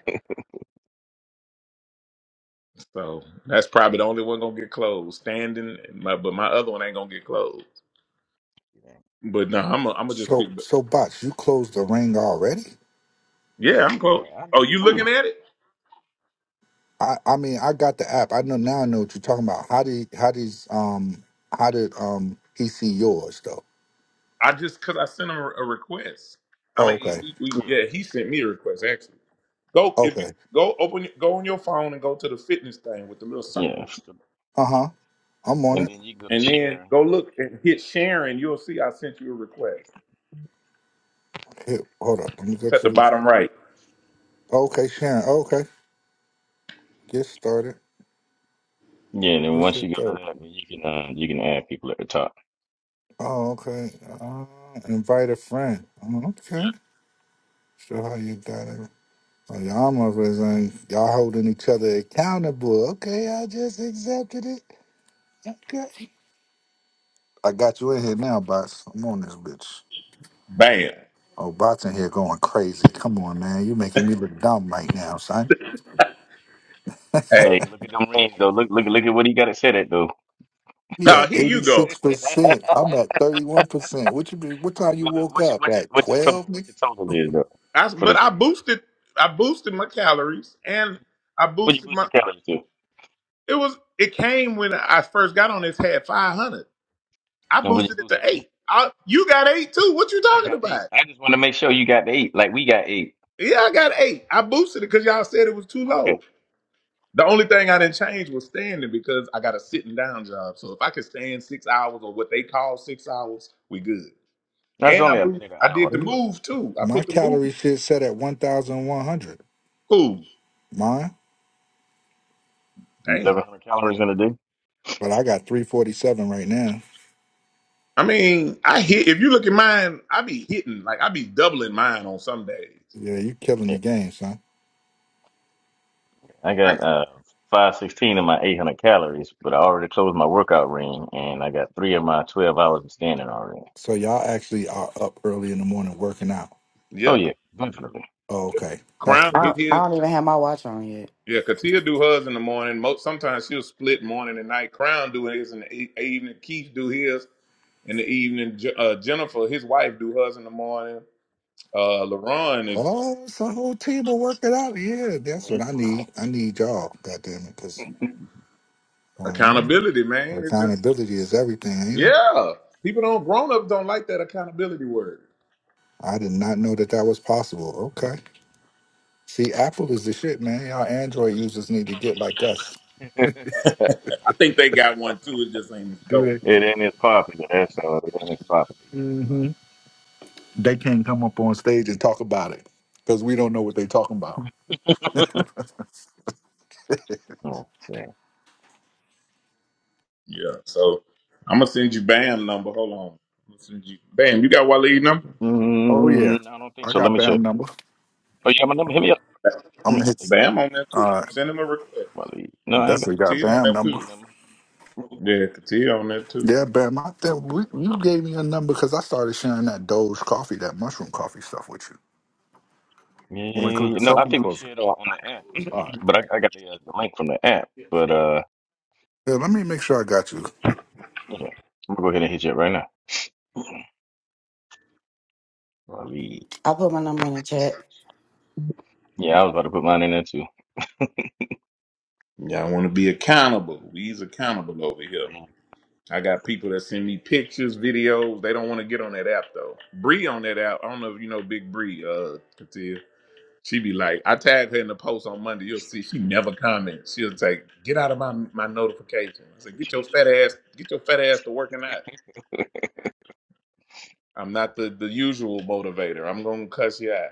S1: So that's probably the only one gonna get closed. Standing, my, but my other one ain't gonna get closed. But no, I'm gonna I'm gonna just pick.
S4: So, so bots, you closed the ring already?
S1: Yeah, I'm close.
S3: I
S1: Oh,
S3: did
S1: you
S3: [LAUGHS] too.
S1: looking at it?
S4: I, I mean, I got the app. I know now. I know what you're talking about. How did, how does, um, how did, um, he see yours though?
S1: I just because I sent him a, a request. I
S4: Oh,
S1: mean,
S4: okay,
S1: we, we
S3: Yeah,
S1: yeah, he sent me a request actually. Go if you
S4: okay,
S1: go open go on your phone and go to the fitness thing with the little
S3: yeah.
S1: circles,
S4: uh huh. I'm on
S3: And
S4: it.
S3: then you go to
S1: and then
S3: share.
S1: go look and hit sharing. You'll see I sent you a request.
S4: Here, hold up. Let me go
S1: It's at
S4: to
S1: the
S4: the.
S1: bottom right.
S4: Okay, Sharon. Okay, get started.
S3: Yeah, and then
S4: This
S3: once
S4: shit
S3: you go to
S4: dope.
S3: that, then you can uh, you can add people at the top.
S4: Oh, okay. Uh, invite a friend. Okay.
S3: Yep.
S4: So how you got it? Oh, y'all motherfuckers, ain't- y'all holding each other accountable. Okay, I just accepted it. Okay. I got you in here now, bots. I'm on this bitch.
S1: Bam.
S4: Oh, bots in here going crazy. Come on, man. you making me look dumb right now, son.
S1: Hey,
S3: Hey, look at them rings though. Look, look, look at what he got it set at though.
S4: He
S1: now
S4: at
S1: here you go.
S3: [LAUGHS]
S4: 86%. I'm at 31%. What you be, what time you
S3: what,
S4: woke up?
S3: what's your
S4: At
S3: what's your
S4: 12,
S3: total? What's your
S4: nigga?
S3: total is though
S1: I s
S3: for
S1: but
S3: the
S1: I
S3: day?
S1: boosted I boosted my calories and I
S3: What you
S1: boosted
S3: boost your
S1: my.
S3: calories to?
S1: It was it came when I first got on this had five hundred. I
S3: And Willie
S1: boosted it to
S3: Boosie came.
S1: eight. I, you got eight too. What you
S3: I
S1: talking
S3: got eight.
S1: about?
S3: I just want to make sure you got the eight. Like we got eight.
S1: Yeah, I got eight. I boosted it because y'all said it was too
S3: Okay.
S1: low. The only thing
S3: Try.
S1: I didn't change was standing because I got a sitting down job. So if I could stand six hours or what they call six hours, we good.
S3: That's
S1: And I
S3: only a
S1: moved,
S3: minute an
S1: I did
S3: hour.
S1: the
S4: Good lord.
S1: move too. I
S4: My
S1: put the move.
S4: calorie shit set at 1,100.
S1: Cool.
S4: Mine?
S1: Damn.
S3: Eleven hundred calories in a day.
S4: But I got 347 right now.
S1: I mean, I hit. If you look at mine, I be hitting like I be doubling mine on some days.
S4: Yeah, you killing
S3: Yeah.
S4: the game, son.
S3: I
S1: I
S3: got uh five sixteen of my eight hundred calories, but I already closed my workout ring and I got three of my twelve hours of standing already.
S4: So y'all actually are up early in the morning working out.
S3: Oh
S1: yep.
S3: yeah, definitely.
S4: Oh,
S1: yep.
S4: okay. That's the
S1: Crown
S9: I,
S1: get
S4: difference.
S9: I
S1: his.
S9: don't even have my watch on yet.
S1: Yeah, Katia do hers in the morning. Most sometimes she'll split morning and night. Crown do his in the e- evening. Keith do his in the evening. Je- Uh, Jennifer, his wife, do hers in the morning. uh LaRon is
S4: Oh, it's a whole team of working out. Yeah, that's what I need. I need y'all, goddamn it, because
S1: accountability, man. It's just
S4: accountability is everything, ain't it?
S1: yeah. People don't grown ups don't like that accountability word.
S4: I did not know that that was possible. Okay. See, Apple is the shit, man. Y'all Android users need to get like us.
S1: I think they got one too. It just ain't as
S4: Do
S1: dope.
S4: they?
S3: It ain't as popular, that's all. It ain't as popular
S4: hmm They can't come up on stage and talk about it because we don't know what they talking about.
S3: yet. [LAUGHS] okay.
S1: Yeah. So I'm gonna send you Bam number. Hold on. I'm gonna send you Bam. You got Waleed number?
S4: Oh, yeah.
S3: Mm, I don't think
S4: I
S3: so. Let
S4: got
S3: me check.
S4: BAM number.
S3: Oh, you got my number? Hit me up. Hit
S4: I'm
S3: me
S4: going to
S3: up. I
S4: hit.
S3: think well,
S1: Bam on that too.
S4: Uh,
S1: Send him a request.
S3: my lead.
S4: I
S3: No, I ain't got.
S4: definitely got
S1: Katia
S3: I
S1: on
S3: ain't
S4: BAM
S3: got
S1: that
S3: my
S4: number.
S1: too.
S3: lead number.
S1: Yeah, Katia on that too.
S4: Yeah, Bam, I think we, you gave me a number because I started sharing that Doge coffee, that mushroom coffee stuff with you.
S3: Yeah, yeah,
S4: When it
S3: yeah,
S4: comes
S3: yeah.
S4: to
S3: no, I
S4: something
S3: think we
S4: closer.
S3: shared on, on the app,
S4: All right.
S3: [CLEARS THROAT] but I, I got the, uh, the link from the app. But uh,
S4: Yeah, let me make sure I got you.
S3: yeah, I'm gonna go ahead and hit you up right now. i leave
S9: I put my number in the chat.
S3: message. Yeah, I was about to put mine in there too.
S1: Y'all want to be accountable. We's accountable over here. I got people that send me pictures, videos. They don't want to get on that app though. Bree on that app. I don't know if you know Big Bree, uh, Katia. She be like, I tagged her in the post on Monday. You'll see she never comments. She'll say, get out of my, my notification. I said, get your fat ass, get your fat ass to working out. I'm not the, the usual motivator. I'm gonna cuss you out.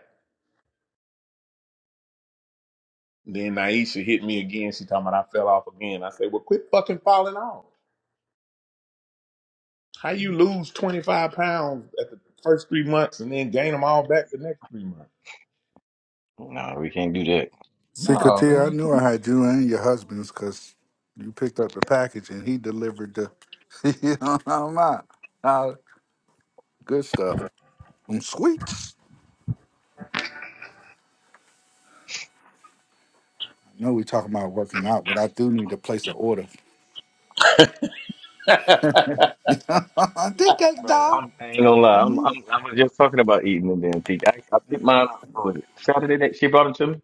S1: Then Naisha hit me again. She talking about I fell off again. I said, Well, quit fucking falling off. How you lose 25 pounds at the first three months and then gain them all back the next three months?
S3: No, we can't do that,
S4: See,
S1: No,
S4: Katia, I
S1: man,
S4: knew
S1: come
S4: I had you and your husband's because you picked up the package and he delivered the, [LAUGHS] you know what I'm about. Uh, good stuff. Some sweets. I know we talking about working out, but I do need to place an order.
S1: on. [LAUGHS]
S4: [LAUGHS] tea cakes,
S3: bro.
S4: dog.
S3: I'm, I ain't gonna
S4: I
S3: lie. I'm,
S4: need it.
S3: I'm, I was just talking about eating the damn teeth. I, I picked mine. up, What was it Saturday that she brought them to me?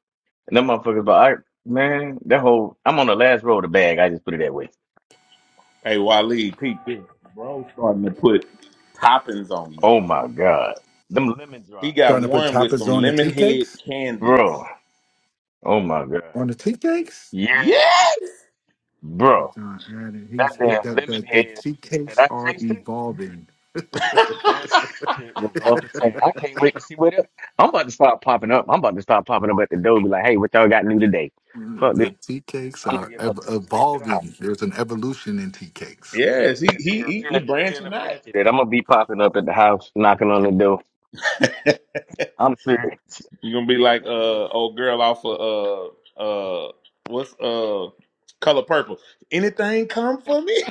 S3: And them motherfuckers, but I man, that whole I'm on the last row of the bag. I just put it that way.
S1: hey, Waleed, peep this. Bro starting to put toppings on them.
S3: Oh my god, them lemon
S1: He
S3: drops,
S1: got
S4: Starting to put
S1: one with some
S4: toppings on the
S1: lemon
S4: tea
S1: head
S4: cakes?
S1: candies.
S3: bro. Oh my god,
S4: On the tea cakes?
S3: yes,
S1: Yes,
S3: bro.
S4: John added,
S3: That
S4: he's he,
S3: damn
S4: the,
S3: lemon
S4: the the
S3: head
S4: tea
S3: that
S4: cakes
S3: I
S4: are
S3: tasted,
S4: evolving.
S1: [LAUGHS]
S3: that shit was off the chain. I can't wait to see what else. I'm about to start popping up. I'm about to start popping up at the door. Be like, hey, what y'all got new today? Fuck this.
S4: The tea cakes
S3: I'm gonna
S4: are
S3: get off
S4: ev-
S3: and go straight to the house.
S4: evolving. There's an evolution in tea cakes.
S3: Continue,
S1: yes. He he
S3: continue,
S1: he,
S3: tell,
S1: he
S3: tell the
S1: branching out.
S3: Apache that I'm gonna be popping up at the house, knocking on the door.
S1: [LAUGHS]
S3: I'm serious. [LAUGHS]
S1: You gonna be
S3: That,
S1: like
S3: that lemon,
S1: uh old girl off of uh uh what's uh color purple. Anything come for me?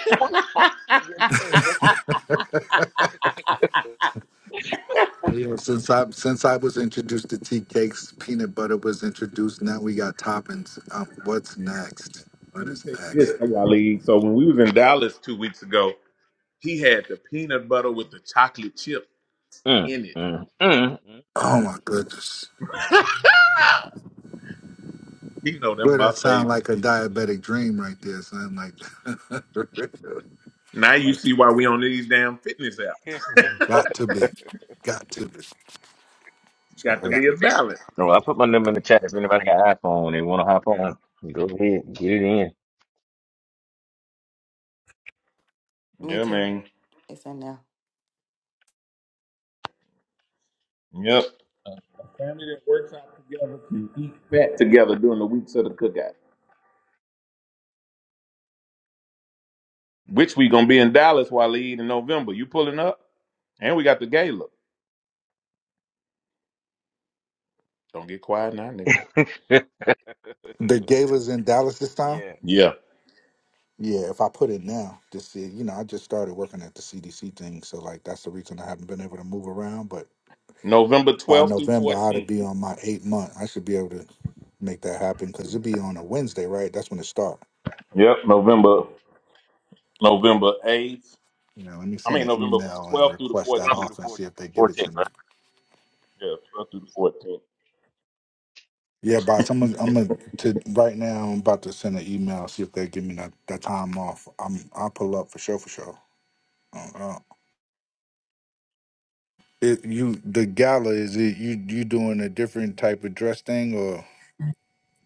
S3: yes sir.
S4: And, you know, since I since I was introduced to tea cakes, peanut butter was introduced. Now we got toppings. Um, what's next?
S1: [LAUGHS] Let
S4: What
S1: me
S4: is
S1: tell you this,
S4: next?
S1: Wally. So when we was in Dallas two weeks ago, he had the peanut butter with the chocolate chip
S3: Mm,
S1: in it.
S3: mm, mm, mm,
S4: Oh my goodness!
S1: [LAUGHS] he know them
S4: Boy,
S1: my
S4: that sound
S1: favorite.
S4: like a diabetic dream right there. Something like
S1: Now
S4: [LAUGHS]
S1: you see why we on these damn fitness apps.
S3: mm.
S4: got to be, got to be. All
S1: Got to
S4: right.
S1: be a balance.
S3: [LAUGHS] Well, I put my number in the chat. If anybody got iPhone, they want to hop on. Go ahead, get
S9: Me
S1: Yeah,
S9: too.
S1: man.
S9: It's in there.
S1: Yep. A family that works out together can eat fat together during the weeks of the cookout. Which we gonna be in Dallas while they eat in November. You pulling up? And we got the gala. Don't get quiet now, nigga.
S3: it
S4: The
S3: in. [LAUGHS]
S4: gala's in Dallas this time.
S3: yeah,
S1: Yeah.
S4: Yeah, if I put it now, just see, you know, I just started working at the CDC thing, so like that's the reason I haven't been able to move around. But
S1: November
S4: by
S1: twelfth through
S4: November, I ought to
S1: fourteenth.
S4: be on my eight month. I should be able to make that happen because it'd be on a Wednesday, right? That's when it start.
S1: Yep. November November eighth.
S4: You know, let me
S1: I
S4: send
S1: mean
S4: an
S1: November
S4: email and
S1: twelfth through the
S4: request that
S3: 12 through
S1: fourteenth.
S3: the
S4: off and
S3: four-
S4: see if they give it
S3: 14,
S4: to me.
S1: Yeah, twelfth through the fourteenth.
S4: Yeah, boss, I'm gonna, I'm gonna to right now. I'm about to send an email see if they give me that, that time off. I'm I'll pull up for sure for sure. Uh, uh, it, you the gala is it you you doing a different type of dress thing or?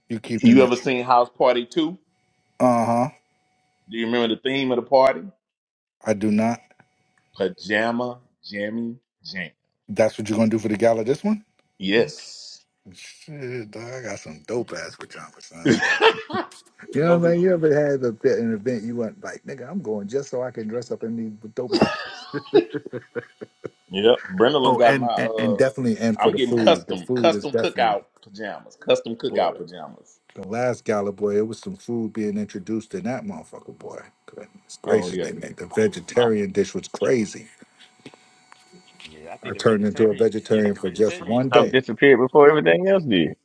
S4: You keeping
S1: You
S4: it?
S1: ever seen House Party Two?
S4: Uh huh.
S1: Do you remember the theme of the party?
S4: I do not.
S1: Pajama Jammy Jam.
S4: That's what you're gonna do for the gala this one?
S1: Yes. [LAUGHS]
S4: Shit, dog, I got some dope ass pajamas, son.
S1: it's
S4: I got. You know
S1: gonna
S4: what I
S1: be
S4: mean? You ever had a, an event you went like, nigga, I'm going just so I can dress up in these dope. [LAUGHS]
S1: Yep. Brendan
S4: Oh,
S1: got my
S4: and, and and
S1: uh
S4: definitely, and for
S1: I'm
S4: the
S1: getting
S4: food, the
S1: custom
S4: food is
S1: custom
S4: definitely
S1: cookout pajamas. Custom
S4: boy.
S1: cookout pajamas.
S4: The last gala, boy, it was some food being introduced in that motherfucker, boy. Goodness
S1: Oh
S4: gracious,
S1: yeah.
S4: they made the
S3: right? Hmm.
S4: vegetarian dish was crazy.
S3: Yeah, I
S4: I
S3: think the
S4: turned into a
S3: vegetarian, yeah, that
S4: vegetarian for just
S3: vegetarian
S4: one
S3: stuff
S4: day.
S3: disappeared before everything else did.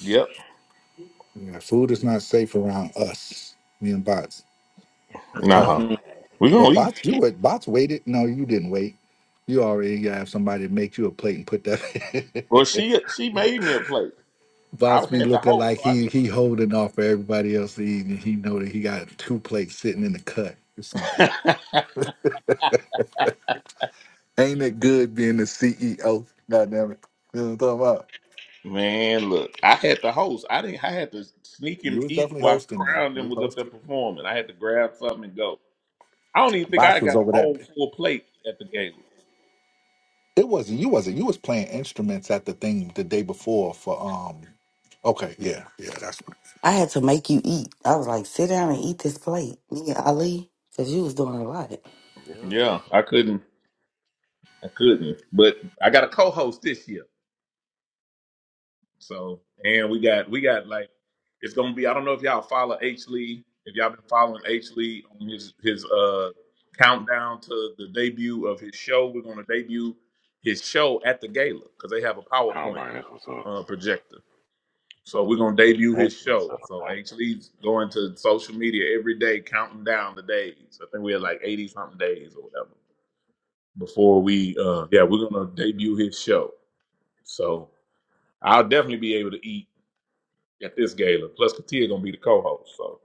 S1: Yep.
S4: Yeah, food is not safe around us, me and bots at
S1: Nah.
S4: all.
S3: Mhm.
S1: We
S4: But
S1: gonna eat.
S4: bots, you wait, bots waited. No, you didn't wait. You already have somebody to make you a plate and put
S1: Well
S4: that.
S1: she she made me a plate.
S4: [LAUGHS]
S1: I
S4: bots be
S1: had the
S4: looking
S1: host,
S4: like
S1: so I
S4: he he holding off for everybody else to eat, and he know that he got two plates sitting in the cut. This nigga
S1: didn't
S4: ain't it good being the CEO? God damn it, you know what I'm talking about?
S1: [LAUGHS] Man, look, I had the host. I didn't I had to sneak
S4: You
S1: and
S4: was
S1: eat
S4: definitely
S1: while
S4: hosting now.
S1: Crown
S4: You
S1: them
S4: was
S1: was up there
S4: hosting.
S1: performing. I had to grab something and go. I don't even think I
S4: Bots was
S1: got a
S4: over that.
S1: whole full plate at the game.
S4: It wasn't you wasn't you was playing instruments at the thing the day before for um okay yeah yeah that's right.
S9: I had to make you eat. I was like, sit down and eat this plate, nigga Ali, because you was doing a lot.
S3: yep,
S1: Yeah, I couldn't I couldn't. But I got a co host this year. So, and we got we got like it's gonna be. I don't know if y'all follow H Lee. If y'all been following H Lee on his his uh countdown to the debut of his show, we're gonna debut his show at the gala because they have a
S7: Oh
S1: PowerPoint
S7: man, that's what's up.
S1: uh, projector. So we're gonna debut his
S3: that's what's
S1: show. So
S3: up.
S1: H Lee's going to social media every day, counting down the days. I think we had like eighty something days or whatever before we. uh Yeah, we're gonna debut his show. So I'll definitely be able to eat At this Gala. Plus, Katia gonna be the co-host, so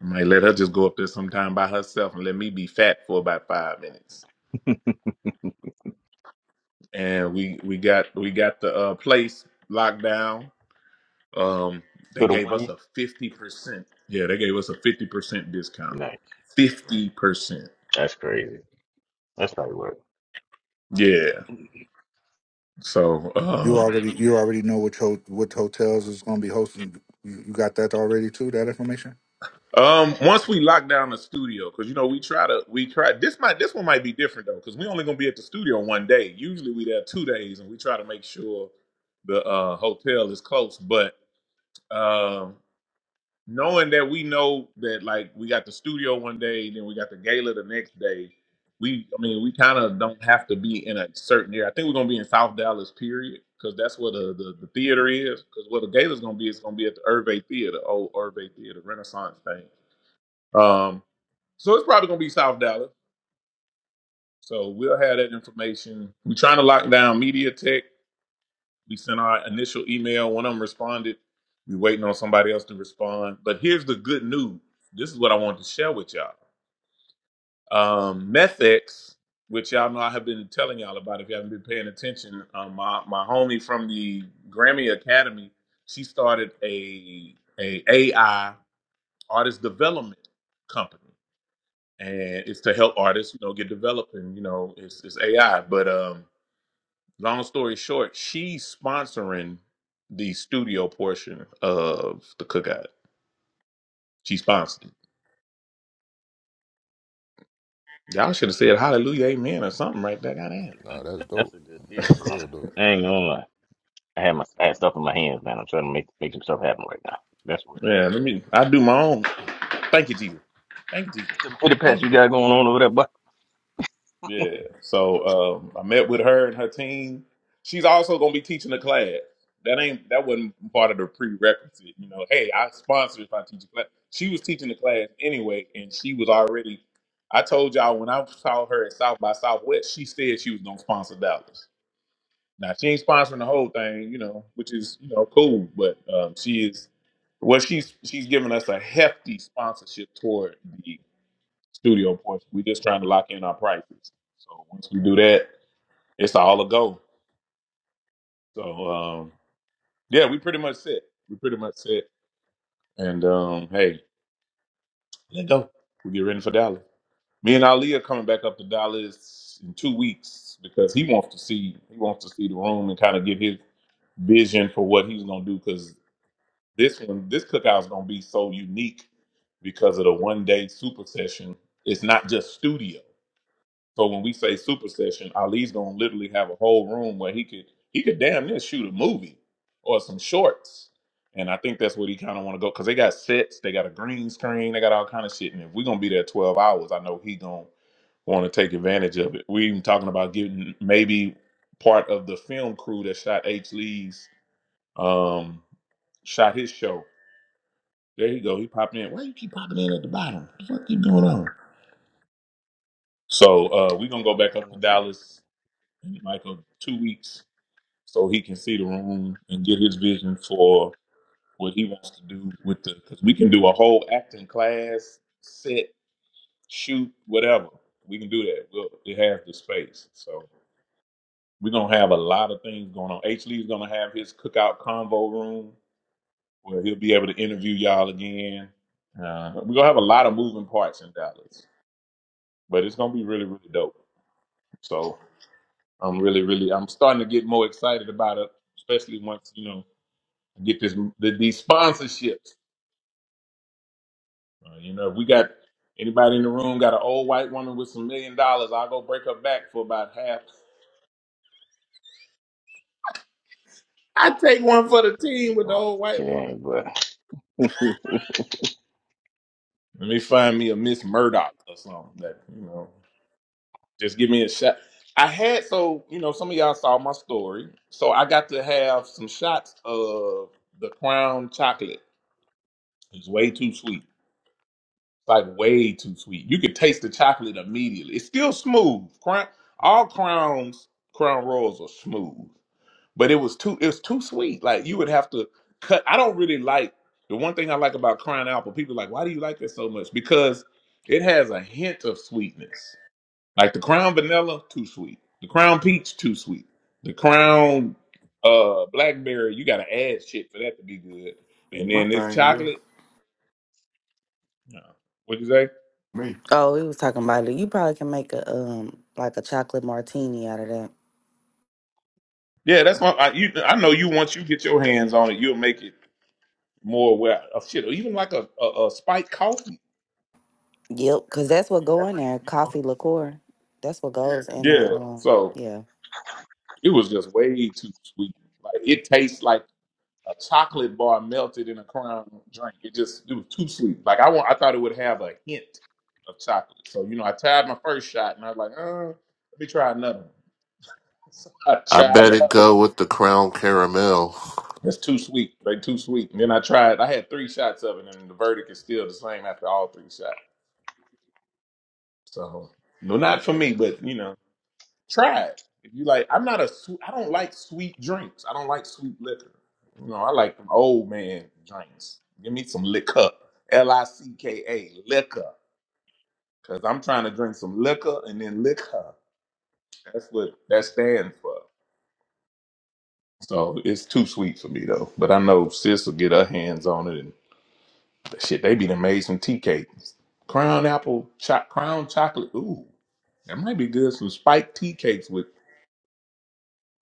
S1: I might let her just go up there sometime by herself and let me be fat for about five minutes.
S3: [LAUGHS]
S1: And we we got we got the uh, place locked down. Um,
S3: So
S1: they
S3: the
S1: gave
S3: one
S1: us
S3: you,
S1: a fifty percent. Yeah, they gave us a fifty percent discount.
S3: nice,
S1: Fifty percent.
S3: that's crazy. That's probably worth.
S1: Yeah. So
S4: you
S1: um,
S4: already you already know which ho- which hotels is going to be hosting you, you got that already too that information
S1: Um, once we lock down the studio, because you know we try to we try this might this one might be different though, because we only gonna be at the studio one day. Usually we there two days, and we try to make sure the uh, hotel is close. But um, knowing that we know that like we got the studio one day, then we got the gala the next day. We I mean we kind of don't have to be in a certain area. I think we're gonna be in South Dallas, period, because that's where the, the the theater is. Because where the gala's gonna be, it's gonna be at the Irvay Theater, old Irvay Theater Renaissance thing. Um, so it's probably gonna be South Dallas. So we'll have that information. We're trying to lock down Media Tech. We sent our initial email. One of them responded. We're waiting on somebody else to respond. But here's the good news. This is what I wanted to share with y'all. Um, Methex, which y'all know I have been telling y'all about if you haven't been paying attention. Um, my my homie from the Grammy Academy, she started a a AI artist development company. and it's to help artists, you know, get developing. You know, it's, it's AI. But um, long story short, she's sponsoring the studio portion of the cookout. She sponsored it. Y'all should have said hallelujah, amen, or something right there. Goddamn.
S10: Nah, that's
S3: it. That's
S10: dope.
S3: a good deal.
S10: That's
S3: bro.
S10: real dope.
S3: I ain't gonna lie. I had my I had stuff in my hands, man. I'm trying to make make some stuff happen right now. That's what.
S1: Yeah, let me. I do my own. Thank you, Jesus. Thank you, Jesus.
S3: Them pity pats
S1: Thank you.
S3: you
S1: Jesus.
S3: got going on over there, but
S1: Yeah. So um, I met with her and her team. She's also gonna be teaching a class. That ain't that wasn't part of the prerequisite. You know, hey, I sponsor if I teach a class. She was teaching the class anyway, and she was already. I told y'all when I saw her at South by Southwest, she said she was gonna sponsor Dallas. Now she ain't sponsoring the whole thing, you know, which is you know cool, but um, she is. Well, she's she's giving us a hefty sponsorship toward the studio portion. We just trying to lock in our prices. So once we do that, it's all a go. So um, yeah, we pretty much set. We pretty much set. And um, hey, let go. We get ready for Dallas. Me and Ali are coming back up to Dallas in two weeks because he wants to see he wants to see the room and kind of get his vision for what he's gonna do. Because this one, this cookout is gonna be so unique because of the one day super session. It's not just studio. So when we say super session, Ali's gonna literally have a whole room where he could he could damn near shoot a movie or some shorts. And I think that's what he kind of want to go because they got sets, they got a green screen, they got all kind of shit. And if we're gonna be there twelve hours, I know he gonna want to take advantage of it. We even talking about getting maybe part of the film crew that shot H. Lee's um shot his show. There you go. He popped in. Why you keep popping in at the bottom? What the fuck you doing on? So uh we gonna
S3: yeah,
S1: go
S3: I was
S1: back up
S3: down
S1: to
S3: there too when
S1: Dallas
S3: I
S1: Michael two weeks so he can see the room and get his vision for what he wants to do with the because we can do a whole acting class, set, shoot, whatever. We can do that. We'll, it has the space. So we're gonna have a lot of things going on. H Lee's gonna have his cookout convo room where he'll be able to interview y'all again. Uh, we're gonna have a lot of moving parts in Dallas. But it's gonna be really, really dope. So I'm really, really I'm starting to get more excited about it, especially once, you know, Get this the, these sponsorships. Uh, you know, if we got anybody in the room got an old white woman with some million dollars, I'll go break her back for about half. I take one for the
S3: came. Yeah,
S1: team with the old white woman.
S3: you are. Yeah, but [LAUGHS]
S1: Let me find me a Miss Murdoch or something that you know. Just give me a shot. I had so you know some of y'all saw my story, so I got to have some shots of the Crown chocolate. It's way too sweet. like way too sweet. You could taste the chocolate immediately. It's still smooth. Crown, all crowns, crown rolls are smooth, but it was too it was too sweet. Like you would have to cut. I don't really like the one thing I like about crown apple. People are like, why do you like that so much? Because it has a hint of sweetness. Like the crown vanilla, too sweet. The crown peach, too sweet. The crown uh blackberry, you got to add shit for that to be good. And
S9: My
S1: then this
S9: thing is
S1: chocolate, no. What'd you say?
S9: me. Oh, we was talking about it. You probably can make a um like a chocolate martini out of that.
S1: Yeah, that's my. I, you, I know you. Once you get your hands on it, you'll make it more well. Oh, shit, or even like a, a a spiked coffee.
S9: Yep, because that's what
S1: That
S9: go in
S1: might,
S9: there.
S1: you know.
S9: Coffee liqueur. That's what goes in the
S1: Yeah.
S9: um
S1: So
S9: yeah.
S1: it was just way too sweet. Like it tastes like a chocolate bar melted in a crown drink. It just it was too sweet. Like I want. I thought it would have a hint of chocolate. So you know, I tried my first shot, and I was like, uh, let me try another. one. [LAUGHS] So I
S11: I
S1: tried
S11: better
S1: another.
S11: go with the Crown Caramel.
S1: That's too sweet. Like too sweet. And then I tried. I had three shots of it, and the verdict is still the same after all three shots. So, no, not for me, but you know, try it. If you like, I'm not a sweet. I don't like sweet drinks. I don't like sweet liquor. You know, I like them old man drinks. Give me some liquor, L I C K A, liquor, because I'm trying to drink some liquor and then liquor. That's what that stands for. So it's too sweet for me though. But I know sis will get her hands on it and shit. They be done made some tea cakes, crown apple, cho- crown chocolate. Ooh, that might be good. Some spiked tea cakes with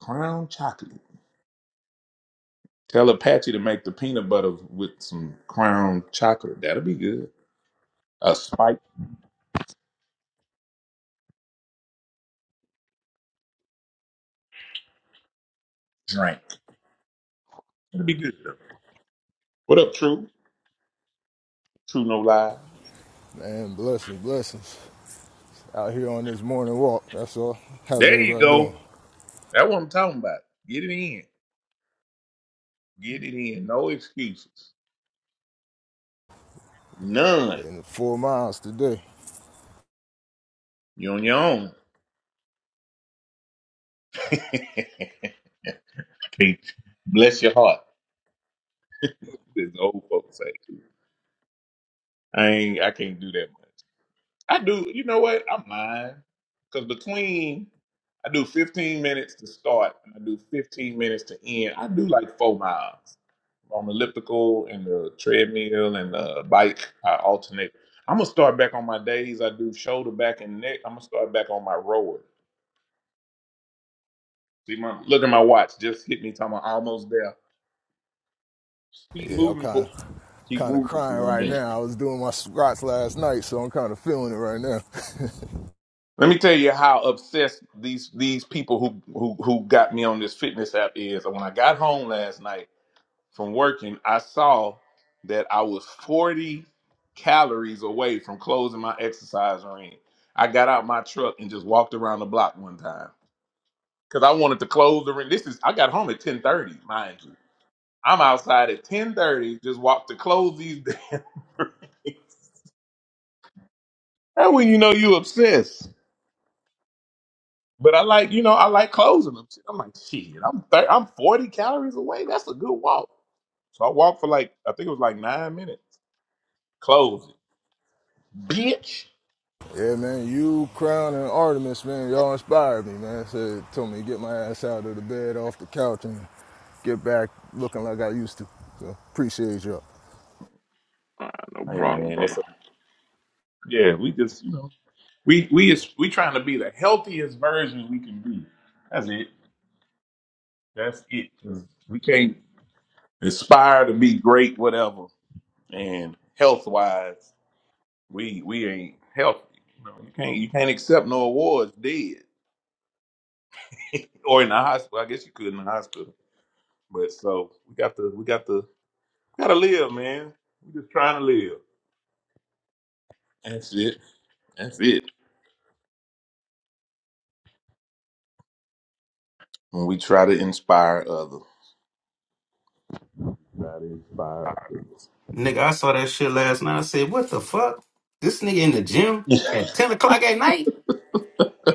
S1: Crown chocolate. Tell Apache to make the peanut butter with some crown chocolate. That'll be good. A spiked drink. That'll be good. What up, True? True No Lies.
S10: Man, blessings, blessings. Out here on this morning walk, that's all. How's
S1: There you
S10: everybody
S1: go.
S10: doing?
S1: That's what I'm talking about. Get it in. Get it in. No excuses. None.
S10: Getting four miles today.
S1: You're on your own. [LAUGHS] can't bless your heart, as the old folks say. I ain't I can't do that much. I do. You know what? I'm lying because between I do 15 minutes to start and I do 15 minutes to end. I do like four miles on the elliptical and the treadmill and the bike. I alternate. I'm gonna start back on my days. I do shoulder, back, and neck. I'm gonna start back on my rower. See my look at my watch. Just hit me. Talking about almost there. Keep
S10: Yeah, I'm
S1: moving
S10: kind
S1: for.
S10: of
S1: Keep
S10: kind of
S1: moving for
S10: crying
S1: one
S10: right
S1: minute.
S10: now. I was doing my squats last night, so I'm kind of feeling it right now.
S1: Let me tell you how obsessed these these people who who who got me on this fitness app is. When I got home last night from working, I saw that I was 40 calories away from closing my exercise ring. I got out my truck and just walked around the block one time because I wanted to close the ring. This is I got home at 10:30, mind you. I'm outside at 10:30, just walked to close these [LAUGHS] damn. How will you know you obsessed? But I like, you know, I like closing them. Shit, I'm like, shit, I'm thir- I'm 40 calories away. That's a good walk. So I walked for like, I think it was like nine minutes. Close it, bitch.
S10: [LAUGHS] yeah, man, you, Crown, and Artemis, man, y'all inspired me, man. Said, told me to get my ass out of the bed, off the couch, and get back looking like I used to. So appreciate y'all.
S7: Nah, no
S1: Hey
S7: problem,
S1: man,
S7: brother.
S1: it's a, yeah. We just, you know, we we is we trying to be the healthiest version we can be. That's it. That's it. 'Cause We can't aspire to be great, whatever. And health wise, we we ain't healthy. You, know, you can't you can't accept no awards, dead [LAUGHS] or in the hospital. I guess you could in the hospital. But so we got the we got the we gotta live, man. We just trying to live. That's it. That's it. When we try to inspire others. Try to inspire
S12: Nigga, I saw that shit last night. I said, what the fuck? This nigga in the gym
S1: others. [LAUGHS]
S12: at 10 o'clock at night?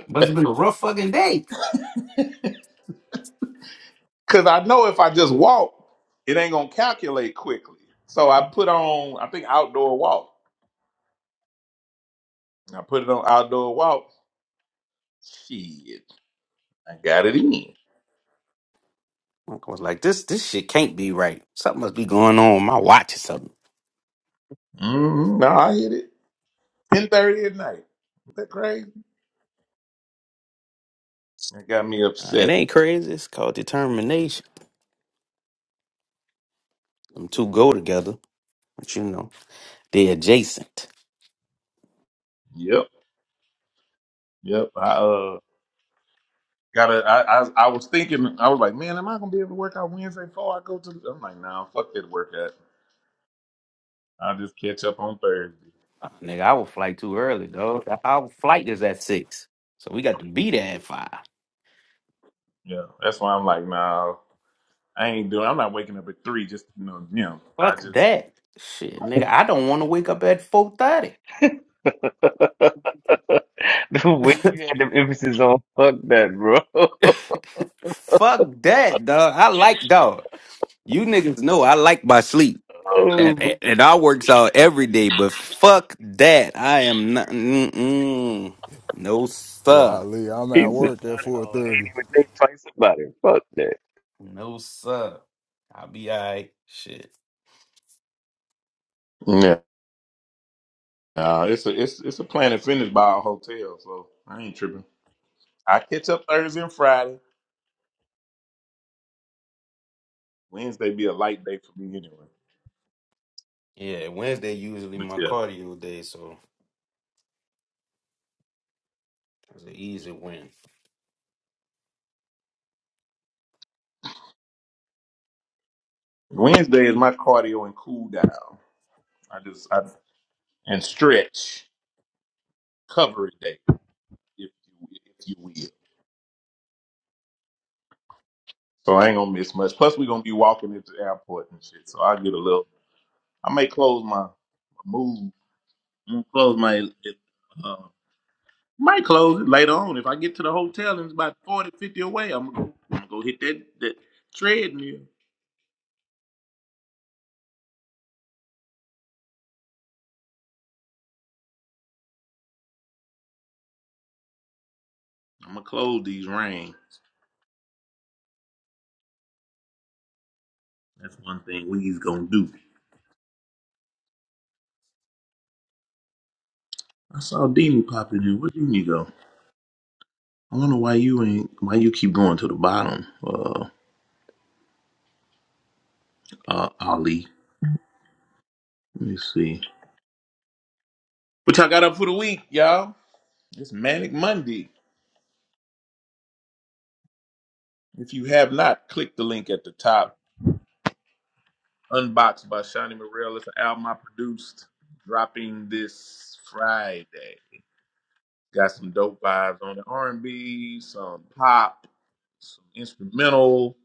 S12: Must have been a rough fucking day.
S1: Cause I know if I just walk, it ain't gonna calculate quickly. So I put on I think outdoor walk. I put it on outdoor walk. Shit. I got it in.
S12: I was like, this this shit can't be right. Something must be going on with my watch or something.
S1: Mm-hmm. Now I hit it. Ten thirty at night. Isn't that crazy? That got me
S12: Uh, it ain't
S1: obsessed.
S12: crazy. It's called determination. Them two go together, but you know, they're adjacent.
S1: Yep. Yep. I uh Gotta. I, I I was thinking. I was like, man, am I gonna be able to work out Wednesday before I go to? The, I'm like, nah, fuck that workout. I'll just catch up on Thursday.
S12: Uh, nigga, I will flight too early, dog. Our flight is at 6. So we got to be there at 5.
S1: Yeah, that's why I'm like, nah, I ain't doing. I'm not waking up at three just you know gym. I
S12: Fuck
S1: just
S12: that. Shit, nigga, I don't want to wake up at 4.30.
S3: [LAUGHS] The way you had the emphasis on fuck that, bro. [LAUGHS]
S12: Fuck that, dog. I like dog. You niggas know I like my sleep. And,
S3: Oh,
S12: and, and I works out every day, but fuck that. I am not. Mm-mm. No,
S10: Yo,
S12: sir.
S10: Ali, I'm
S3: he
S10: at
S3: said,
S10: work at
S3: not at all. I ain't
S10: 4:30.
S3: even think twice about it. Fuck that.
S12: No, sir. I'll be all right. Shit.
S1: yeah. Nah, it's a it's it's a Planet Fitness by a hotel, so I ain't tripping. I catch up Thursday and Friday. Wednesday be a light day for me anyway.
S12: Yeah, Wednesday usually
S1: But
S12: my
S1: yeah,
S12: cardio day, so it's an easy win.
S1: Wednesday is my cardio and cool down. I just I and stretch, recovery day, if you if you will. So I ain't gonna miss much. Plus, we gonna be walking at the airport and shit. So I get a little. I may close my move. I'm gonna close my. Uh, might close it later on if I get to the hotel and it's about 40, 50 away. I'm gonna go. I'm gonna go hit that that treadmill. I'm gonna close these rain. That's one thing we's gonna do. I saw Dini pop in here. Where Dini go? I wonder why you ain't. Why you keep going to the bottom? Uh, uh, Ali. Let me see. What y'all got up for the week, y'all? It's Manic Monday. If you have not, click the link at the top. Unboxed by Shawnee Morel. It's an album I produced, dropping this Friday. Got some dope vibes on it. R&B, some pop, some instrumental,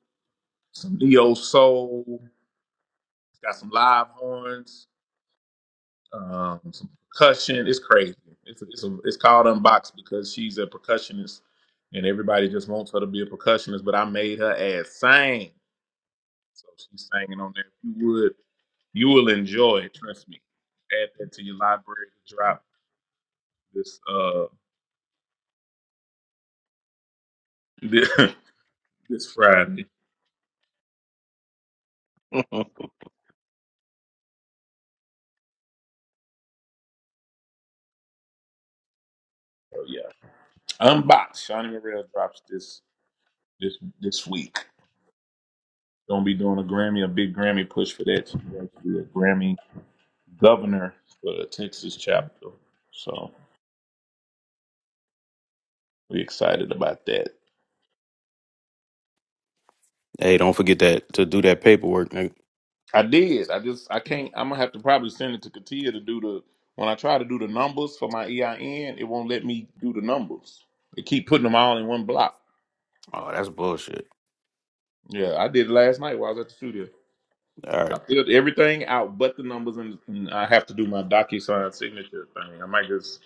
S1: some neo soul. Got some live horns, um, some percussion. It's crazy. It's it's, a, it's called Unboxed because she's a percussionist, and everybody just wants her to be a percussionist. But I made her ass sing, so she's singing on there. If you would. You will enjoy it, trust me. Add that to your library to drop this uh [LAUGHS] this, Friday.
S3: [LAUGHS]
S1: So yeah. Unbox. Shawnee Morrell drops this this this week. Gonna be doing a Grammy, a big Grammy push for that. She's going to be a Grammy governor for the Texas chapter. So we excited about that.
S12: Hey, don't forget that to do that paperwork, nigga.
S1: I did. I just I can't I'm gonna have to probably send it to Katia to do the when I try to do the numbers for my EIN, it won't let me do the numbers. They keep putting them all in one block.
S12: Oh, that's bullshit.
S1: Yeah, I did it last night while I was at the studio.
S12: All
S1: I
S12: right.
S1: filled everything out but the numbers, and, and I have to do my DocuSign signature thing. I might just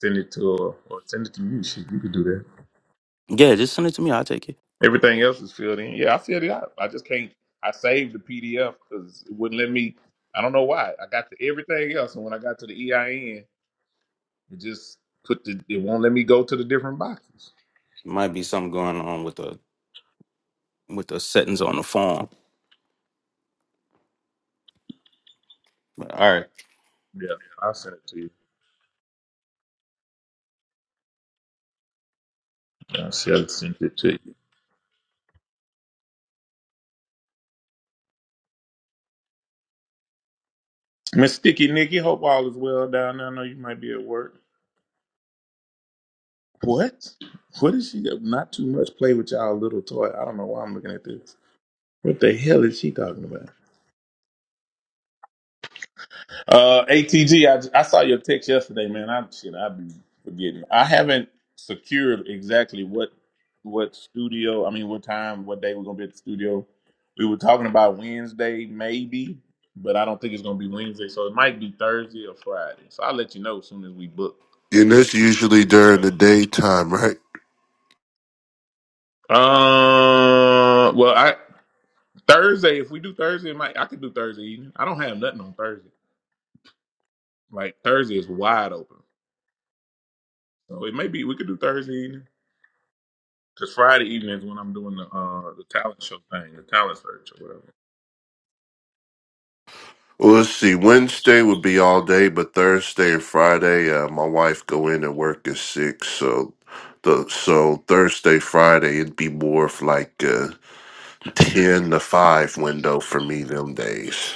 S1: send it to her or send it to you. Shit, you could do that.
S12: Yeah, just send it to me. I'll take it.
S1: Everything else is filled in. Yeah, I filled it out. I just can't. I saved the PDF because it wouldn't let me. I don't know why. I got to everything else, and when I got to the EIN, it just put the. It won't let me go to the different boxes.
S12: Might be something going on with the with the settings on the phone. But all right.
S1: Yeah, I'll send it to you. I shall send it to you. Miss Sticky Nicky, hope all is well down there. I know you might be at work. What? What is she? Not too much play with y'all little toy. I don't know why I'm looking at this. What the hell is she talking about? Uh, ATG, I, I saw your text yesterday, man. I shit, I'd be forgetting. I haven't secured exactly what what studio. I mean, what time, what day we're gonna be at the studio. We were talking about Wednesday, maybe, but I don't think it's gonna be Wednesday, so it might be Thursday or Friday. So I'll let you know as soon as we book.
S11: And that's usually during the
S1: Because,
S11: daytime, right?
S1: uh, well, I Thursday, if we do Thursday, it I could do Thursday evening. I don't have nothing on Thursday. Like Thursday is wide open, so it may be we could do Thursday evening. Cause Friday evening is when I'm doing the uh the talent show thing, the talent search or whatever.
S11: Well, let's see. Wednesday would be all day, but Thursday and Friday, uh, my wife go in and work at six, so the so Thursday, Friday, it'd be more of like a ten to five window for me them days.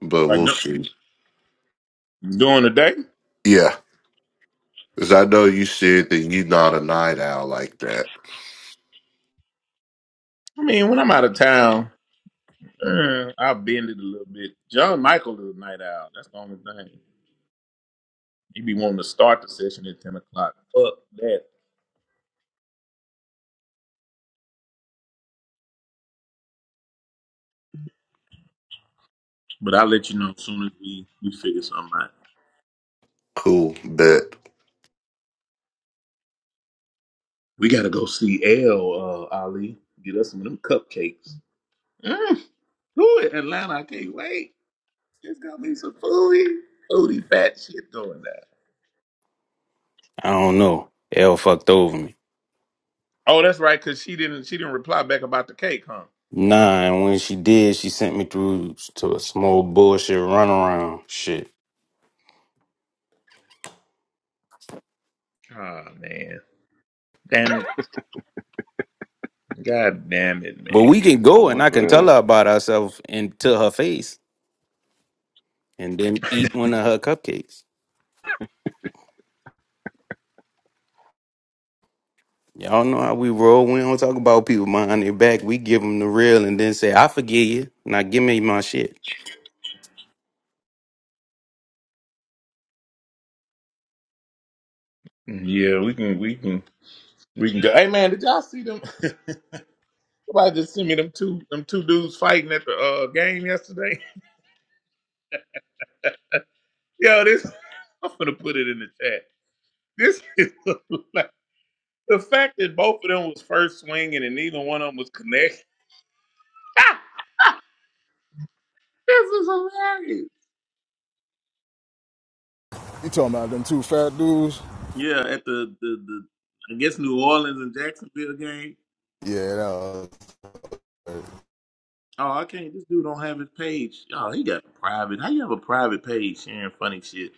S11: But
S1: Like
S11: we'll
S1: du-
S11: see.
S1: during the day,
S11: Yeah, because I know you said that you're not a night owl like that.
S1: I mean, when I'm out of town, eh, I'll bend it a little bit. John Michael is a night owl. That's the only thing. He be wanting to start the session at ten o'clock. Fuck that. But I'll let you know as soon as we we figure something out.
S11: Cool, bet.
S1: We gotta go see L uh, Ali. Get us some of them cupcakes. Mm. Ooh, Atlanta, I can't wait. There's gonna be some foodie, foodie fat shit going down.
S12: I don't know. L fucked over me.
S1: Oh, that's right, cause she didn't she didn't reply back about the cake, huh?
S12: Nah, and when she did, she sent me through to a small bullshit runaround shit.
S1: Oh man. Damn it. God damn it,
S12: But we
S1: man.
S12: can
S7: So
S12: go and
S7: much
S12: I
S7: for
S12: can tell
S7: that.
S12: her about herself and to her face and then eat one of her cupcakes. Y'all know how we roll. We don't talk about people behind their back. We give them the real and then say, I forgive you. Now give me my shit.
S1: Yeah, we can we can we can go. Hey man, did y'all see them? [LAUGHS] Somebody just sent me them two them two dudes fighting at the uh, game yesterday. [LAUGHS] Yo, this [LAUGHS] I'm gonna put it in the chat. This is [LAUGHS] like the fact that both of them was first swinging and neither one of them was connected. [LAUGHS] This is hilarious.
S10: You talking about them two fat dudes?
S1: Yeah, at the, the, the I guess New Orleans and Jacksonville game.
S10: Yeah, that was
S1: Oh, I can't. This dude don't have his page. Oh, he got a private. How you have a private page sharing funny shit?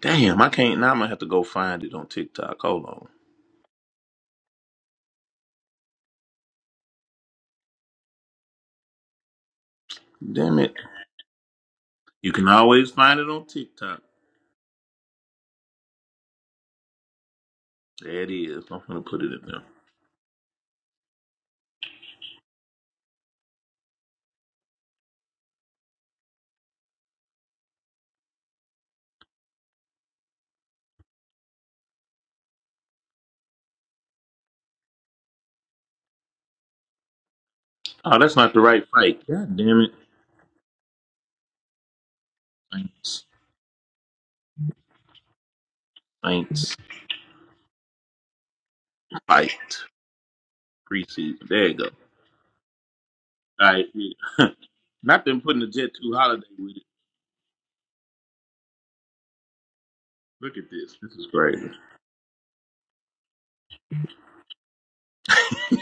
S1: Damn, I can't. Now I'm gonna have to go find it on TikTok. Hold on. Damn it. You can always find it on TikTok. There it is. I'm gonna put it in there. Oh, that's not the right fight. God damn it. Thanks. Thanks. Fight. Preseason. There you go. All right. Yeah. [LAUGHS] not them putting the Jet 2 holiday with it. Look at this. This is crazy.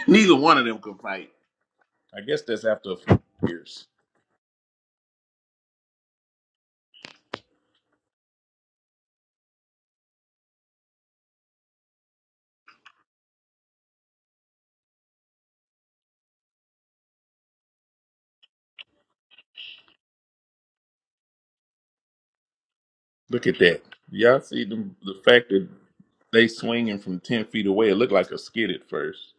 S1: [LAUGHS] Neither one of them could fight. I guess that's after a few years. Look at that. Y'all see them, the fact that they swinging from 10 feet away. It looked like a skid at first.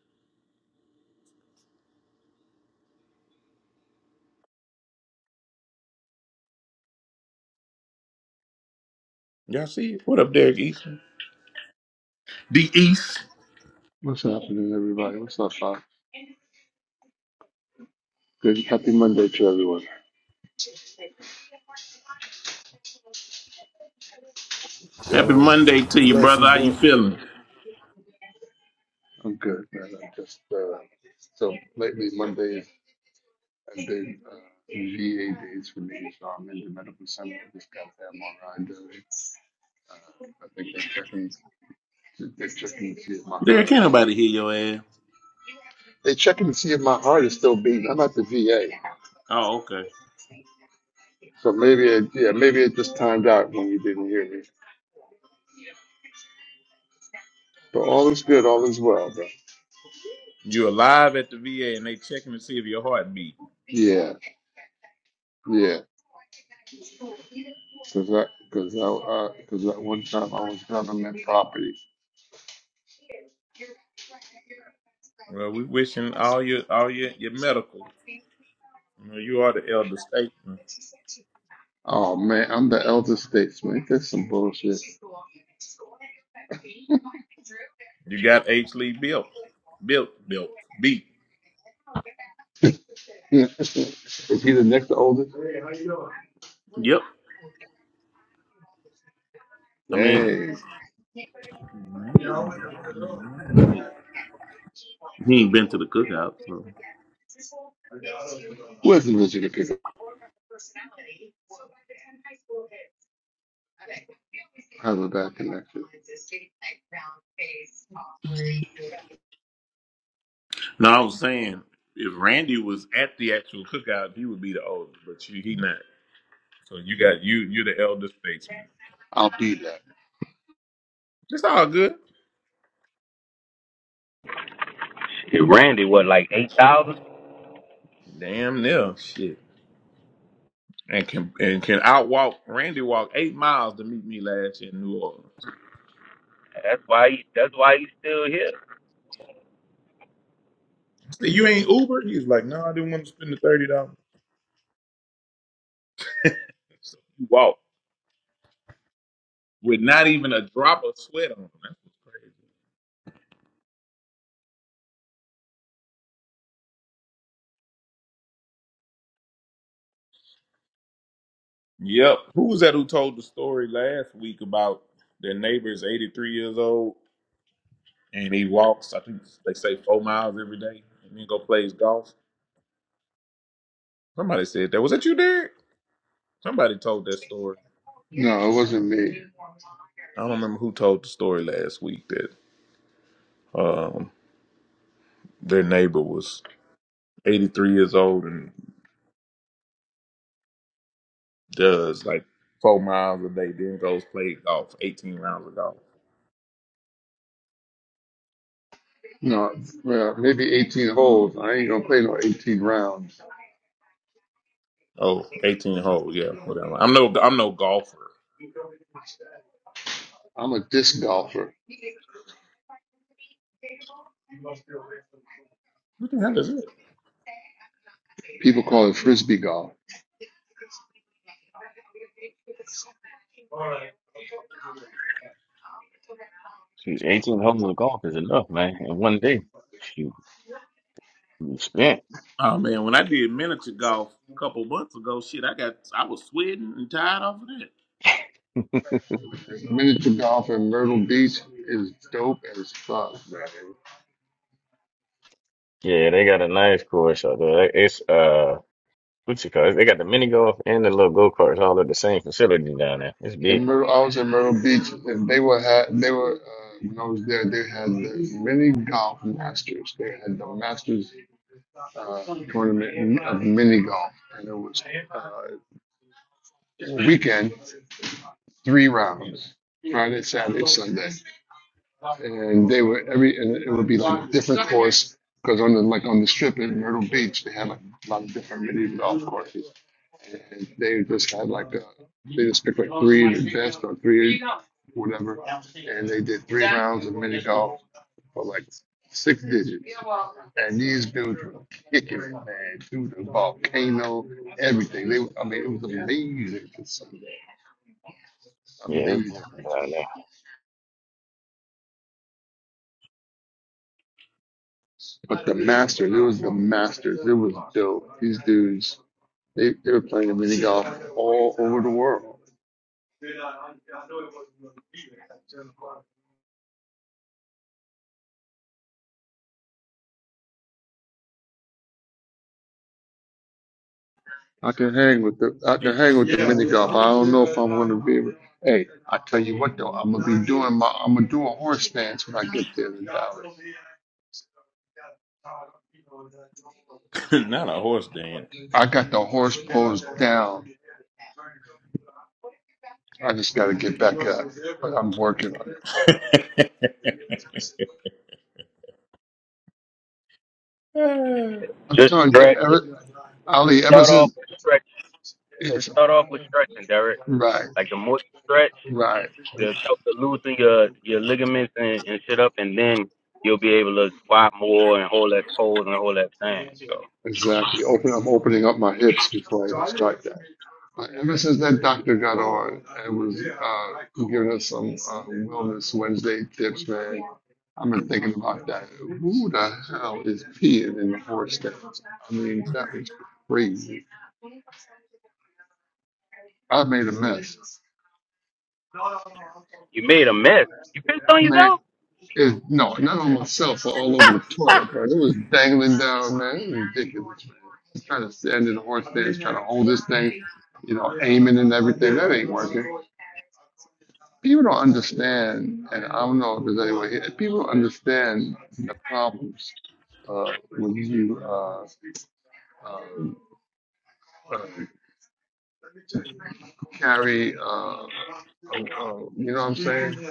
S1: Y'all see it? What up, Derek Easton? The East.
S13: What's happening, everybody? What's up, Bob? Good. Happy Monday to everyone.
S1: Happy
S10: yo,
S1: Monday to you, brother.
S10: blessings,
S1: How you
S10: dude.
S1: feeling?
S13: I'm good, man. I'm just uh, so lately Mondays have been uh, VA days for me. So I'm in the medical center. I just got an MRI done. I think they checking. They're checking to see if my
S1: Derek,
S13: heart is
S1: can't
S13: still.
S1: nobody
S13: Beating.
S1: hear your ass.
S13: They checking to see if my heart is still beating. I'm at the VA,
S1: Oh, okay.
S13: so maybe it, yeah, maybe it just timed out when you didn't hear me. But all is good. All is well, bro.
S1: You're alive at the VA and they checking to see if your heart beat.
S13: Yeah. Yeah, cause I, cause I, uh, cause that one time I was government property.
S1: Well, we wishing all your all your, your medical. You know, you are the elder statesman.
S13: Oh man, I'm the elder statesman. That's some bullshit. [LAUGHS]
S1: You got H. Lee built, built, built, beat.
S13: Is he the next oldest?
S1: Yep. I mean,
S13: Dang.
S1: he ain't been to the cookout, so
S13: Where's the vision pick Have a bad connection.
S1: No, I was saying if Randy was at the actual cookout, he would be the oldest, but you, he not. So you got you you're the elder statesman.
S13: I'll be that.
S1: It's all good.
S12: Hey, Brother,
S1: Damn near shit. And can and can outwalk Randy walk eight miles to meet me last year in New Orleans. See, you ain't Uber? He was like, No, I didn't want to spend the thirty dollars. So you walk with not even a drop of sweat on. That's what's crazy. Yep. Who was that who told the story last week about their neighbor's 83 years old and he walks, I think they say four miles every day and then go plays golf? Somebody said that. Was that you, Derek? Somebody told that story.
S13: No, it wasn't me.
S1: I don't remember who told the story last week that um, their neighbor was 83 years old and does like four miles a day, then goes play golf, 18 rounds of golf.
S13: No, well, maybe 18 holes. I ain't gonna play no 18 rounds.
S1: Oh, eighteen holes, yeah, whatever. I'm no, I'm no golfer.
S13: I'm a disc golfer.
S1: What the hell is it?
S13: People call it frisbee golf.
S3: Shoot, 18 holes of golf is enough, man, in one day. Shoot, you spent. [LAUGHS]
S1: Oh man, when I did miniature golf a couple months ago, shit, I got I was sweating and tired off of
S13: Miniature golf in Myrtle Beach is dope as fuck, bro.
S3: Yeah, they got a nice course out there. It's, uh, what you call it? They got the mini golf and the little go-karts all at the same facility down there. It's
S13: In
S3: big.
S13: Myrtle, I was in Myrtle Beach, and they were had they were uh, when I was there, they had the mini golf masters. They had the masters uh, tournament of mini golf, and it was uh, weekend, three rounds, Friday, Saturday, Sunday. and they were every and it would be like a different course because on the like on the strip in Myrtle Beach they had like a lot of different mini golf courses and they just had like a they just picked like three of the best or three whatever and they did three rounds of mini golf for like six digits and these dudes were kicking it man through the volcano everything they I mean it was amazing to see
S3: Yeah, it's different
S13: amazing
S3: down
S13: But the Masters, it was the Masters. It was dope. These dudes, they, they were playing mini golf all over the world. I can hang with the I
S1: that.
S13: can hang with the mini golf. I don't know if I'm gonna be able hey, I tell you what though, I'm gonna be doing my I'm gonna do a horse stance when I get there in Dallas.
S1: [LAUGHS] Not a horse dance.
S13: I got the horse pose down. I just gotta get back up. But I'm working on it.
S1: [LAUGHS] Bruh,
S13: I'm
S12: Just
S13: telling you,
S12: stretch.
S13: ever, Ali, ever
S12: Start off
S13: since,
S12: with stretch.
S13: yes,
S12: Just start off with stretching, Derek.
S13: right,
S12: Like the more you stretch.
S13: right,
S12: it'll help to loosen your your ligaments and, and shit up, and then you'll be able to squat more and hold less poles and hold less thing. So
S13: exactly. Open, I'm opening up my hips before I start that. But ever since that doctor got on and was uh, giving us some uh, Wellness Wednesday tips, man, I've been thinking about that. Who the hell is peeing in the horse stands? I mean, that was crazy. I made a mess.
S12: you made a mess. You pissed on
S13: Man,
S12: yourself.
S13: is no, not on myself, but all over the toilet, bro. It was dangling down, man. It was ridiculous, man. Just trying to stand in the horse stance, trying to hold this thing, you know, aiming and everything. That ain't working. People don't understand, and I don't know if there's anyone here. People don't understand the problems uh, when you uh, um, uh, carry, uh, uh, uh, you know what I'm saying?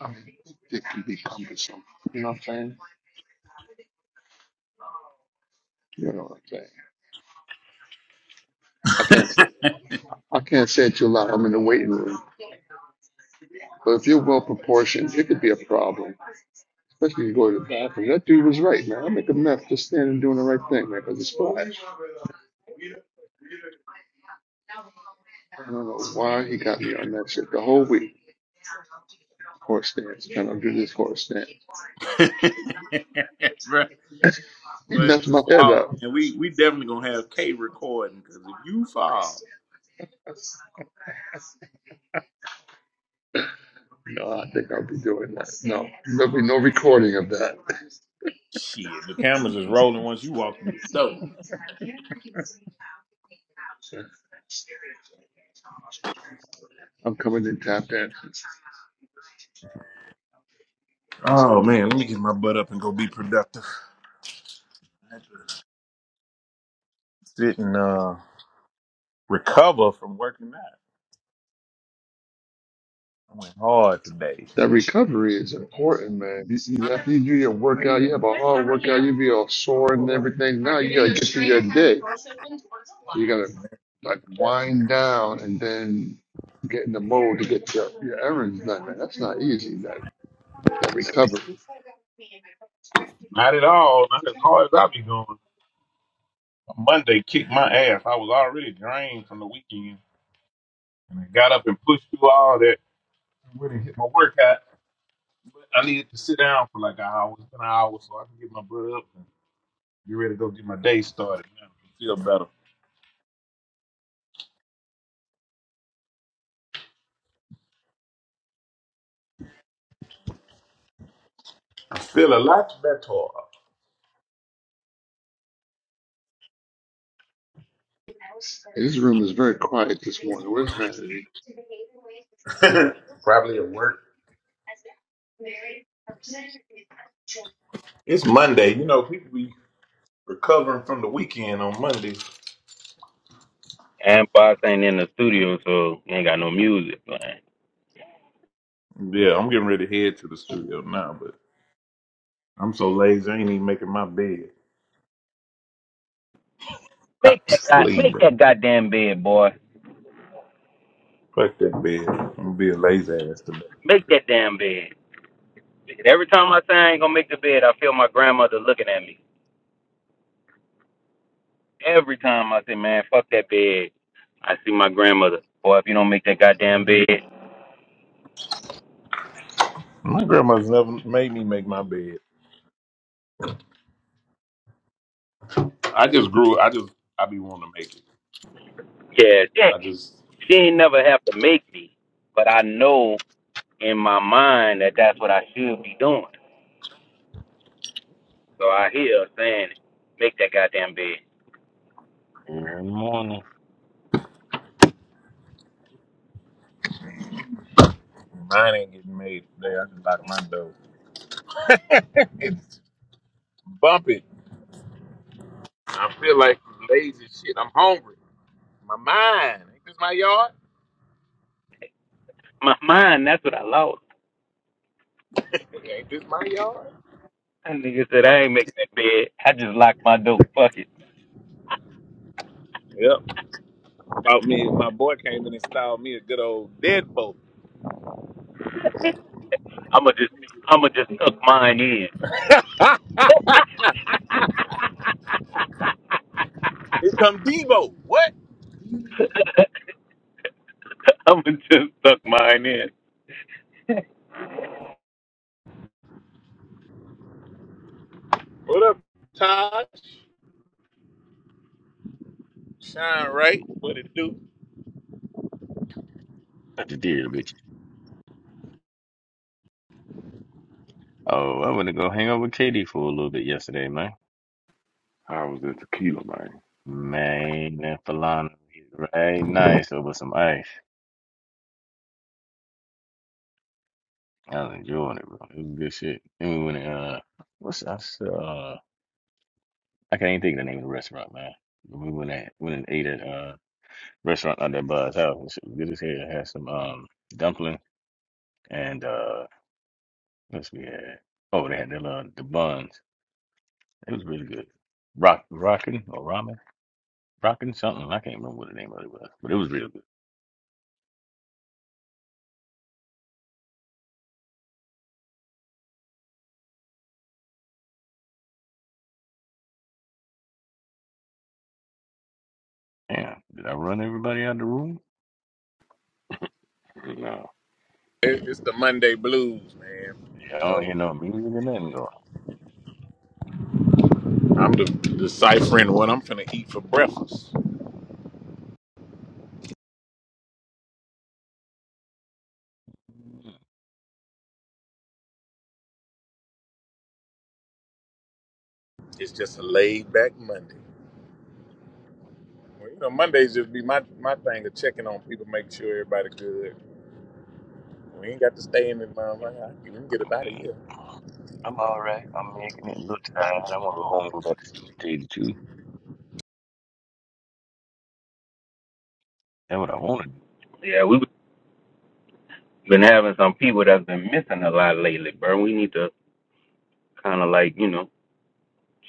S13: I mean, it can be cumbersome. You know what I'm saying? You know what I'm saying? I can't say I can't say it too loud. I'm in the waiting room. But if you're well proportioned, it could be a problem. Especially if you go to the bathroom. That dude was right, man. I make a mess just standing doing the right thing, man, because it's fly. I don't know why he got me on that shit the whole week. Horse stance, trying to do this horse stance. [LAUGHS] he
S1: But if you
S13: messed my head
S1: fall,
S13: up.
S1: man, we we definitely gonna have K recording because if you fall,
S13: No, I think I'll be doing that. No, there'll be no recording of that.
S1: shit, the cameras is rolling once you walk through the door.
S13: I'm coming in tap dance.
S1: Oh man, let me get my butt up and go be productive. I had to Sit and uh, recover from working out. I went hard today.
S13: That recovery is important, man. You, you, after you do your workout, you have a hard workout, you be all sore and everything. Now you gotta get through your day. You gotta like wind down and then get in the mode to get your, your errands done. Man, that's not easy. That that recovery.
S1: Not at all. Not as hard as I be going. Monday kicked my ass. I was already drained from the weekend, and I got up and pushed through all that. and Went and hit my workout. But I needed to sit down for like an hour, it's been an hour, so I can get my blood up and get ready to go get my day started. Now I feel better. I feel a lot
S13: Hey, this room is very quiet this morning. Where's Vanity?
S1: better. [LAUGHS] Probably at work. It's Monday. You know, people be recovering from the weekend on Monday.
S12: And Boss ain't in the studio, so you ain't got no music. Man.
S1: Yeah, I'm getting ready to head to the studio now, but I'm so lazy. I ain't even making my bed. [LAUGHS] I'm
S12: Make that
S1: just
S12: god, make
S1: leaving.
S12: that goddamn bed, boy.
S1: Fuck that bed. I'm gonna be a lazy ass today.
S12: Make that damn bed. Every time I say I ain't gonna make the bed, I feel my grandmother looking at me. Every time I say, man, fuck that bed, I see my grandmother. Boy, if you don't make that goddamn bed,
S1: My grandma's never made me make my bed. I just grew. I just I be wanting to make it.
S12: Yeah,
S1: I
S12: Dick.
S1: just
S12: She ain't never have to make me, but I know in my mind that that's what I should be doing. So I hear her saying, "Make that goddamn bed."
S3: there. Every morning.
S1: mine ain't getting made today. I just locked my door. It's bumping. I feel like lazy shit. I'm hungry. My mind. Ain't this my yard?
S12: My mind, that's what I lost.
S1: Ain't this my yard?
S12: That nigga said, "I
S1: One-
S12: ain't making that bed. I just locked my door. Fuck it.
S1: Yep. About me, my boy came and installed me a good old deadbolt.
S12: I'ma just, I'ma just suck mine in.
S1: [LAUGHS] Here come Debo. What?
S12: [LAUGHS] I'ma just suck mine in."
S1: What up, Taj? Shine right. What it do?
S3: I just did, bitch. Oh, I went to go hang out with Katie for a little bit yesterday, man.
S7: I was the tequila, man.
S3: Man, that Falana was right nice over some ice. I was enjoying it, bro. It was good shit. Then we went and, uh what's I s- uh I can't even think of the name of the restaurant, man. But we went and went and ate at uh restaurant out that Bud's house. It was good as hell. Had some um dumpling and uh what's we had? Oh, they had the uh, the buns. It was really good. Rock rockin' or ramen. Rockin' something. I can't remember what the name of it was, but it was real good. Damn, did I run everybody out of the room?
S7: No,
S1: It, it's the Monday blues, man.
S3: Yeah, I
S1: You
S3: don't
S1: know,
S3: hear no music or nothing going
S1: I'm de- deciphering what I'm finna eat for breakfast.
S3: Mm,
S1: It's just a laid back Monday. Well, you know, Mondays just be my my thing of checking on people, making sure everybody good. We ain't got to stay in this
S3: Yeah,
S1: motherfucker. I can get up
S3: I'm
S1: out of
S3: good.
S1: here.
S3: I'm all right. I'm making it. A little tired. I want to go home and go back to sleep. Tell you the truth, that's what I want to
S12: Yeah, we've been having some people that's been missing a lot lately, bro. We need to kind of like, you know,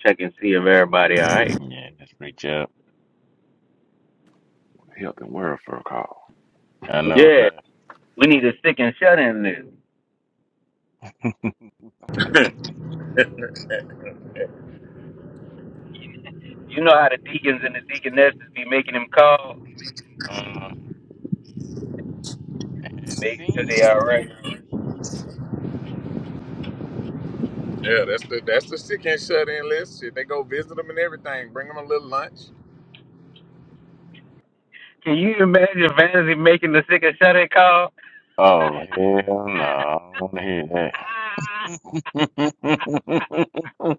S12: check and see if everybody all right.
S3: do. Yeah, that's reach up.
S7: health and welfare call,
S3: I know,
S12: Yeah,
S3: right?
S12: we need a stick and shut in list.
S3: [LAUGHS]
S1: [LAUGHS]
S12: You know how the deacons and the deaconesses be making them call,
S3: uh, hadn't
S12: making sure
S3: seen
S12: they
S3: you in the
S12: all right.
S3: street.
S1: yeah, that's the that's the sick and shut in list. Shit, they go visit them and everything. Bring them a little lunch.
S12: Can you imagine Vanity making the sick and shut call?
S3: Oh hell no! I don't want to hear that.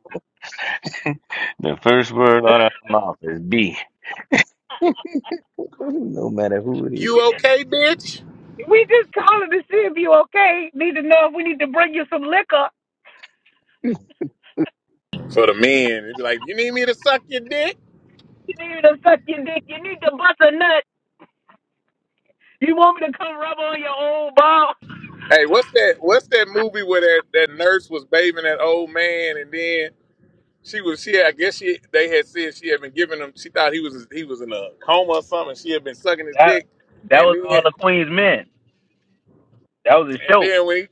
S3: [LAUGHS] the first word out of my mouth is B. [LAUGHS] no matter who it
S1: You
S3: is.
S1: okay, bitch?
S12: We just calling to see if you okay. Need to know if we need to bring you some liquor.
S1: For the men, it'd be like, you need me to suck your dick?
S12: You need to suck your dick. You need to bust a nut. You want me to come rub on your old ball?
S1: Hey, what's that? What's that movie where that, that nurse was bathing that old man, and then she was she? I guess she they had said she had been giving him. She thought he was he was in a coma or something. She had been sucking his
S12: That
S1: dick,
S12: that
S1: and
S12: was
S1: then
S12: all the Queen's men. That was a
S1: and
S12: show.
S1: then when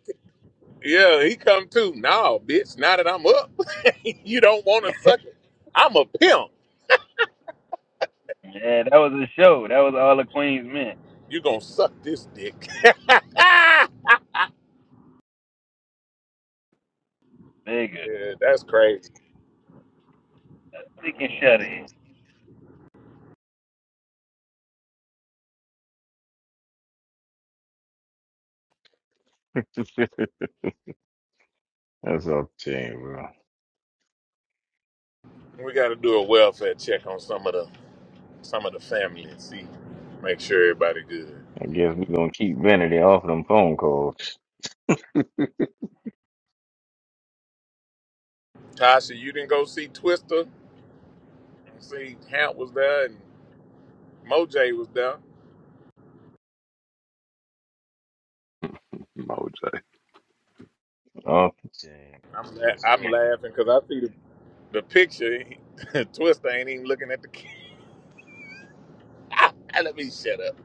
S1: he yeah he come to no bitch now that I'm up, [LAUGHS] you don't want to suck it. I'm a pimp.
S12: Yeah, that was a show. That was all the Queen's men.
S1: You gonna suck this dick? [LAUGHS] yeah,
S12: Nigga,
S1: that's crazy.
S12: sick and shut in.
S3: [LAUGHS] That's all I'm saying, bro. I
S1: We got to do a welfare check on some of the some of the family and see make sure everybody good.
S3: guess we're gonna keep Vanity off them phone calls.
S1: Tasha, you didn't go see Twister. see Hamp was there and Moj was there.
S7: Moj.
S3: Oh, dang. Bro,
S1: I'm
S3: That's
S1: la- I'm
S3: crazy.
S1: laughing because I see the, the picture. [LAUGHS] Twister ain't even looking at the camera. [LAUGHS] Let me shut up,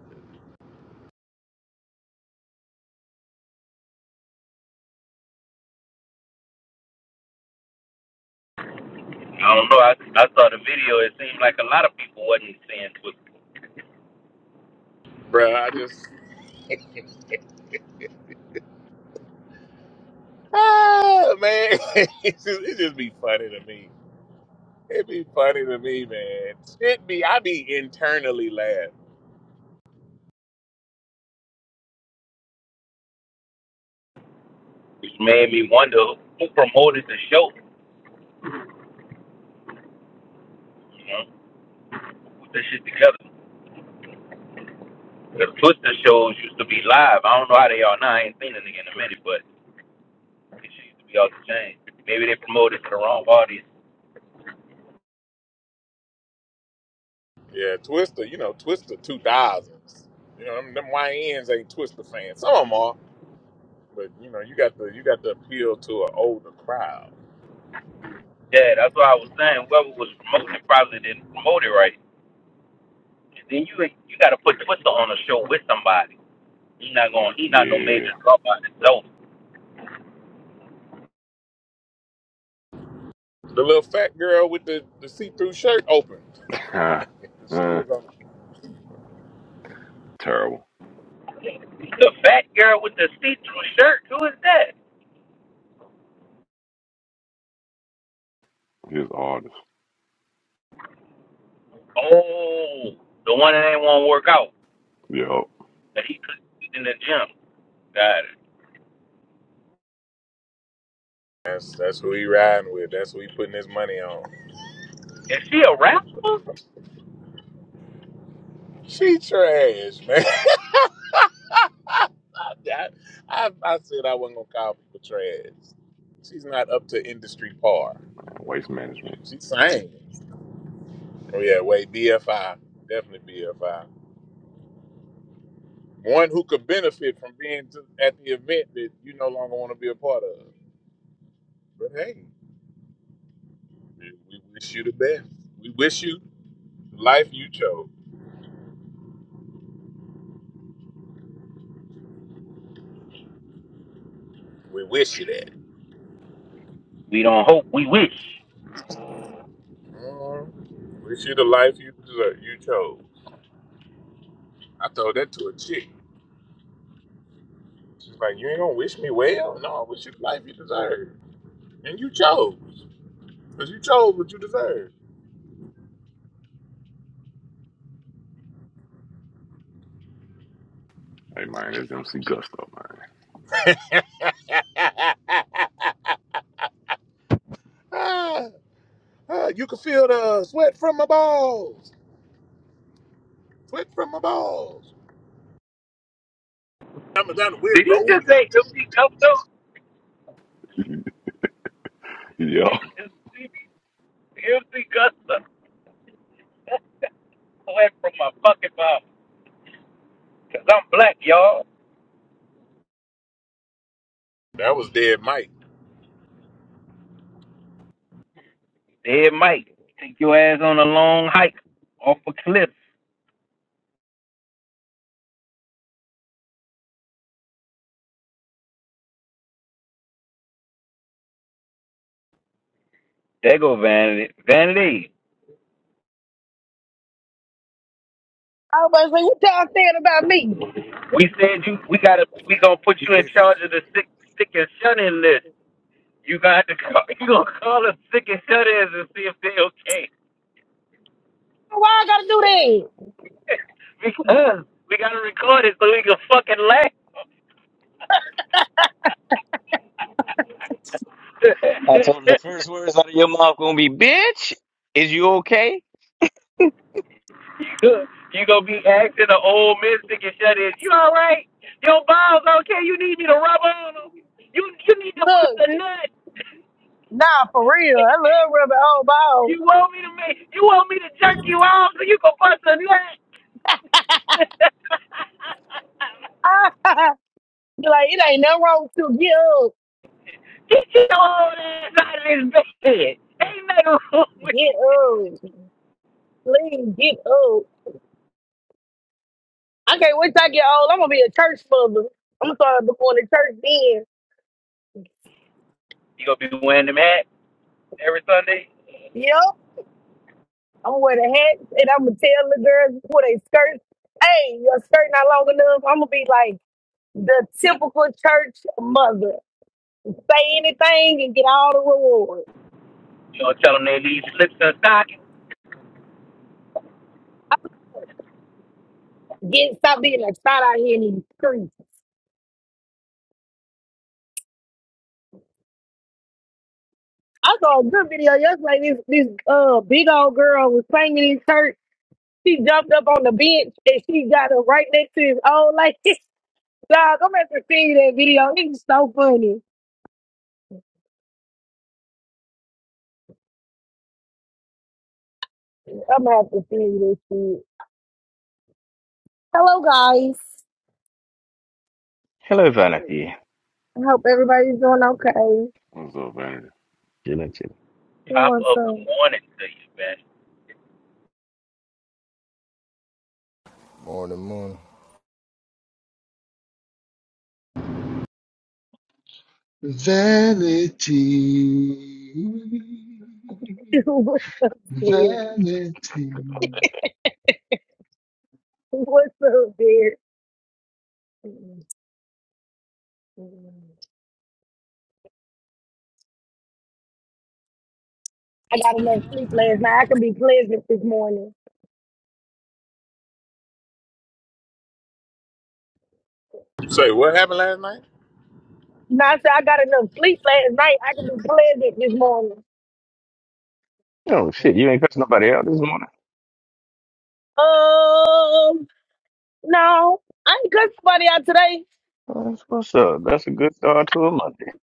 S12: I don't know. I I saw the video. It seemed like a lot of people wasn't seeing.
S1: bro. I just ah man, [LAUGHS] it just, it just be funny to me. It be funny to me, man. It be I be internally laughing.
S12: which made me wonder who promoted the show. You know, put this shit together. The Twister shows used to be live. I don't know how they are now. I ain't seen a nigga in a minute, but it used to be off the chain. Maybe they promoted to the wrong audience.
S1: Yeah, Twister. You know, Twister two thousands. You know, them, them YNs ain't Twister fans. Some of them are, but you know, you got the you got the appeal to an older crowd.
S12: Yeah, that's what I was saying. Whoever was promoting it probably didn't promote it right. And then you you got to put Twister on a show with somebody. He not going. He not no
S7: Yeah,
S12: major draw by himself.
S1: The little fat girl with the, the see through shirt open.
S7: [LAUGHS]
S1: She
S7: uh,
S1: was on.
S7: terrible.
S12: The fat girl with the see-through shirt. Who is that?
S7: His artist.
S12: Oh, the one that ain't want to work out.
S7: Yo,
S12: That he could in the gym. Got it.
S1: That's that's who he riding with. That's who he putting his money on.
S12: Is she a rapper?
S1: She trash, man. [LAUGHS] I, I, I said I wasn't gonna call people trash. She's not up to industry par.
S7: waste management.
S1: She sang. Oh yeah, wait, BFI, definitely BFI. One who could benefit from being to, at the event that you no longer want to be a part of. But hey, we wish you the best. We wish you the life you chose. We wish you that.
S12: We don't hope, we wish.
S1: Uh, wish you the life you deserve, you chose. I told that to a chick. She's like, you ain't gonna wish me well. No, I wish you the life you deserve, and you chose, cause you chose what you deserve.
S7: Hey man, it's MC Gusto,
S1: [LAUGHS] Ah, ah, you can feel the sweat from my balls, sweat from my balls. I'm down, the weird
S12: Did he
S1: road.
S12: just say MC Gusto?
S7: man. [LAUGHS] Yo,
S12: MC Gusto. That's away from my fucking mouth. Because I'm black, y'all.
S1: That was dead, Mike.
S12: Dead Mike, take your ass on a long hike off a cliff. There go Vanity. Vanity,
S14: I was like, what y'all saying about me?
S12: We said you. We gotta. We gonna put you in charge of the sick, sick and shut in list. You got to call. You gonna call the sick and shut ins and see if they okay.
S14: Why I gotta do
S12: [LAUGHS] because we gotta record it so we can fucking laugh. [LAUGHS] you
S3: I told him the first words out of your mouth gonna be, "Bitch, is you okay?"
S12: you gonna be asking an old mystic and shut in. You all right? Your balls okay? You need me to rub on them? You you need to bust
S14: that? Look,
S12: a nut?
S14: nah, for real.
S12: [LAUGHS]
S14: I love rubbing old
S12: You want me to make? You want me to jerk you off so you can bust a nut? [LAUGHS]
S14: balls. [LAUGHS] Be like, it ain't nothing wrong to get up.
S12: Get your old ass out of this bed. Ain't nothing wrong with
S14: Get up. Please get up. I can't wait till I get old. I'm gonna be a church mother. I'm gonna start going to church then.
S12: you. You gonna be wearing them hats every Sunday?
S14: Yep. I'm gonna wear the hat and I'm gonna tell the girls before they skirt. Hey, your skirt not long enough. I'm gonna be like the typical church mother. Say anything and get all the rewards.
S12: You gonna tell them they need slips and stockings?
S14: Get stop being a shot out here in these streets. I saw a good video yesterday. This this uh big old girl was singing in church. She jumped up on the bench and she got her right next to his old lady. [LAUGHS] Dog, I'm gonna have to see that video. It's so funny. I'm gonna have to see this shit. Hello guys.
S3: Hello, Vanity.
S14: I hope everybody's doing okay.
S7: what's up, Vanity?
S3: Chilling, chilling.
S12: Top
S14: What's
S12: of the
S14: up?
S12: morning to you, man.
S10: Morning, morning.
S13: Vanity.
S14: [LAUGHS] What's up, dear?
S13: Vanity.
S14: What's up, dear? I got enough sleep last night. I can be pleasant this morning.
S1: You say what happened last night?
S14: Now I said I got enough sleep last night. I can be pleasant this morning.
S3: Oh, shit. You ain't cussed nobody out this morning?
S14: Um, no, I ain't cussed somebody out today.
S3: Oh, That's what's up. That's a good start to a Monday.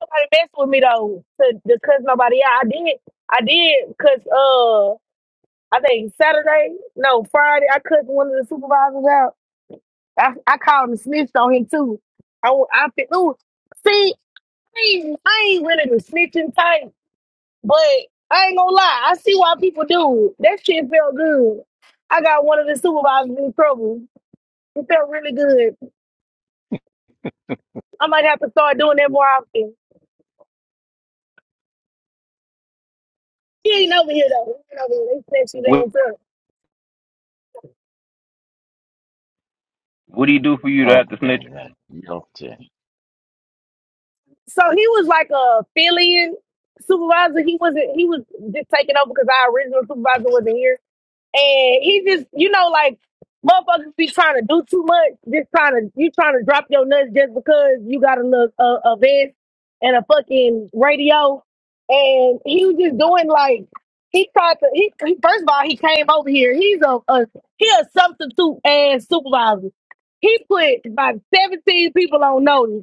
S14: Nobody messed with me though. To, to cuss nobody out, I did. I did cuss. Uh, I think Saturday, no Friday, I cussed one of the supervisors out. I, I called and snitched on him too. I wa- I feel ooh, see, I ain't, I ain't really the snitching type. But I ain't gonna lie, I see why people do. it. That shit felt good. I got one of the supervisors in trouble. It felt really good. I might have to start doing that more often. He ain't over here though. He ain't over here. They snatched you
S12: What
S14: dance up.
S12: what do you do for you to
S3: Oh,
S12: have to snitch?
S3: dang, man. Yo, dang.
S14: So he was like a fill-in supervisor. He wasn't. He was just taking over because our original supervisor wasn't here. and he just, you know, like motherfuckers be trying to do too much, just trying to you trying to drop your nuts just because you got a look a, a vest and a fucking radio, and he was just doing like he tried to. He, he- first of all he came over here. He's a, a he a substitute ass supervisor. He put about seventeen people on notice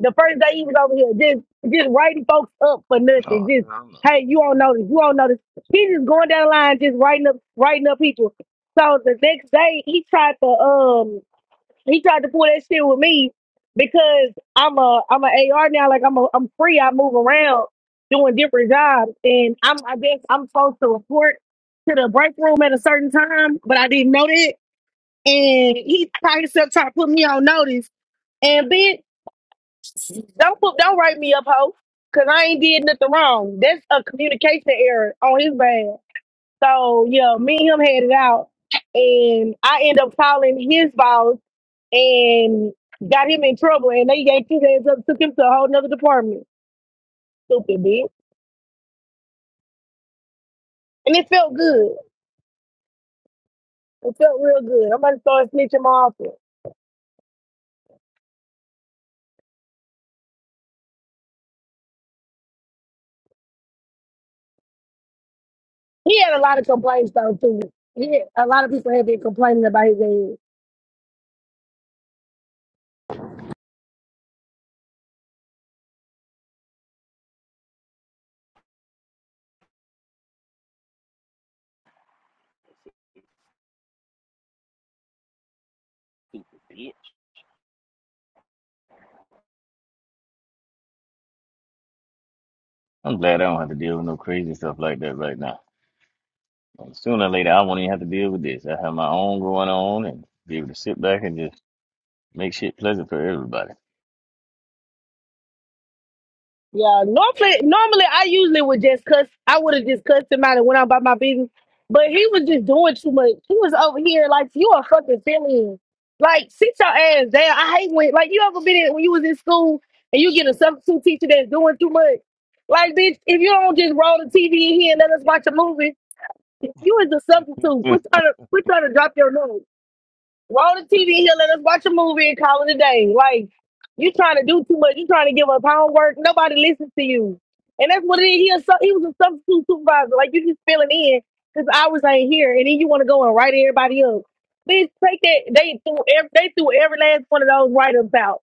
S14: the first day he was over here, just just writing folks up for
S3: Oh,
S14: nothing. Just
S3: hell no.
S14: hey, you don't know this, you don't know this. He just going down the line, just writing up, writing up people. So the next day he tried to um he tried to pull that shit with me because I'm a I'm an a AR now. Like I'm a, I'm free. I move around doing different jobs, and I'm I guess I'm supposed to report to the break room at a certain time, but I didn't know that. And he probably still tried to put me on notice. And bitch. Don't put, don't write me up, ho, because I ain't did nothing wrong. That's a communication error on his bad. So yeah, me and him had it out, and I end up calling his boss and got him in trouble, and they yanked his ass up, took him to a whole nother department. Stupid bitch, and it felt good. It felt real good. I'm about to start snitching my office. He had a lot of complaints though too. Yeah, a lot of people have been complaining about his ass.
S3: I'm glad I don't have to deal with no crazy stuff like that right now. And sooner or later, I won't even have to deal with this. I have my own going on and be able to sit back and just make shit pleasant for everybody.
S14: Yeah, normally, normally I usually would just cuss. I would have just cussed him out and went on about my business. But he was just doing too much. He was over here like you a fucking feeling. Like sit your ass down. I hate when like you ever been in, when you was in school and you get a substitute teacher that's doing too much. Like bitch, if you don't just roll the TV in here and let us watch a movie, you is a
S3: [LAUGHS]
S14: substitute.
S3: you
S14: Quit trying to quit trying to drop your nose. Roll the TV here, let us watch a movie and call it a day. Like, you trying to do too much. You trying to give us homework. Nobody listens to you. And that's what it is. He, a, su- he was a substitute supervisor. Like, you just filling in because hours ain't here. And then you want to go and write everybody up. Bitch, take that. They threw, ev- they threw every last one of those write-ups out.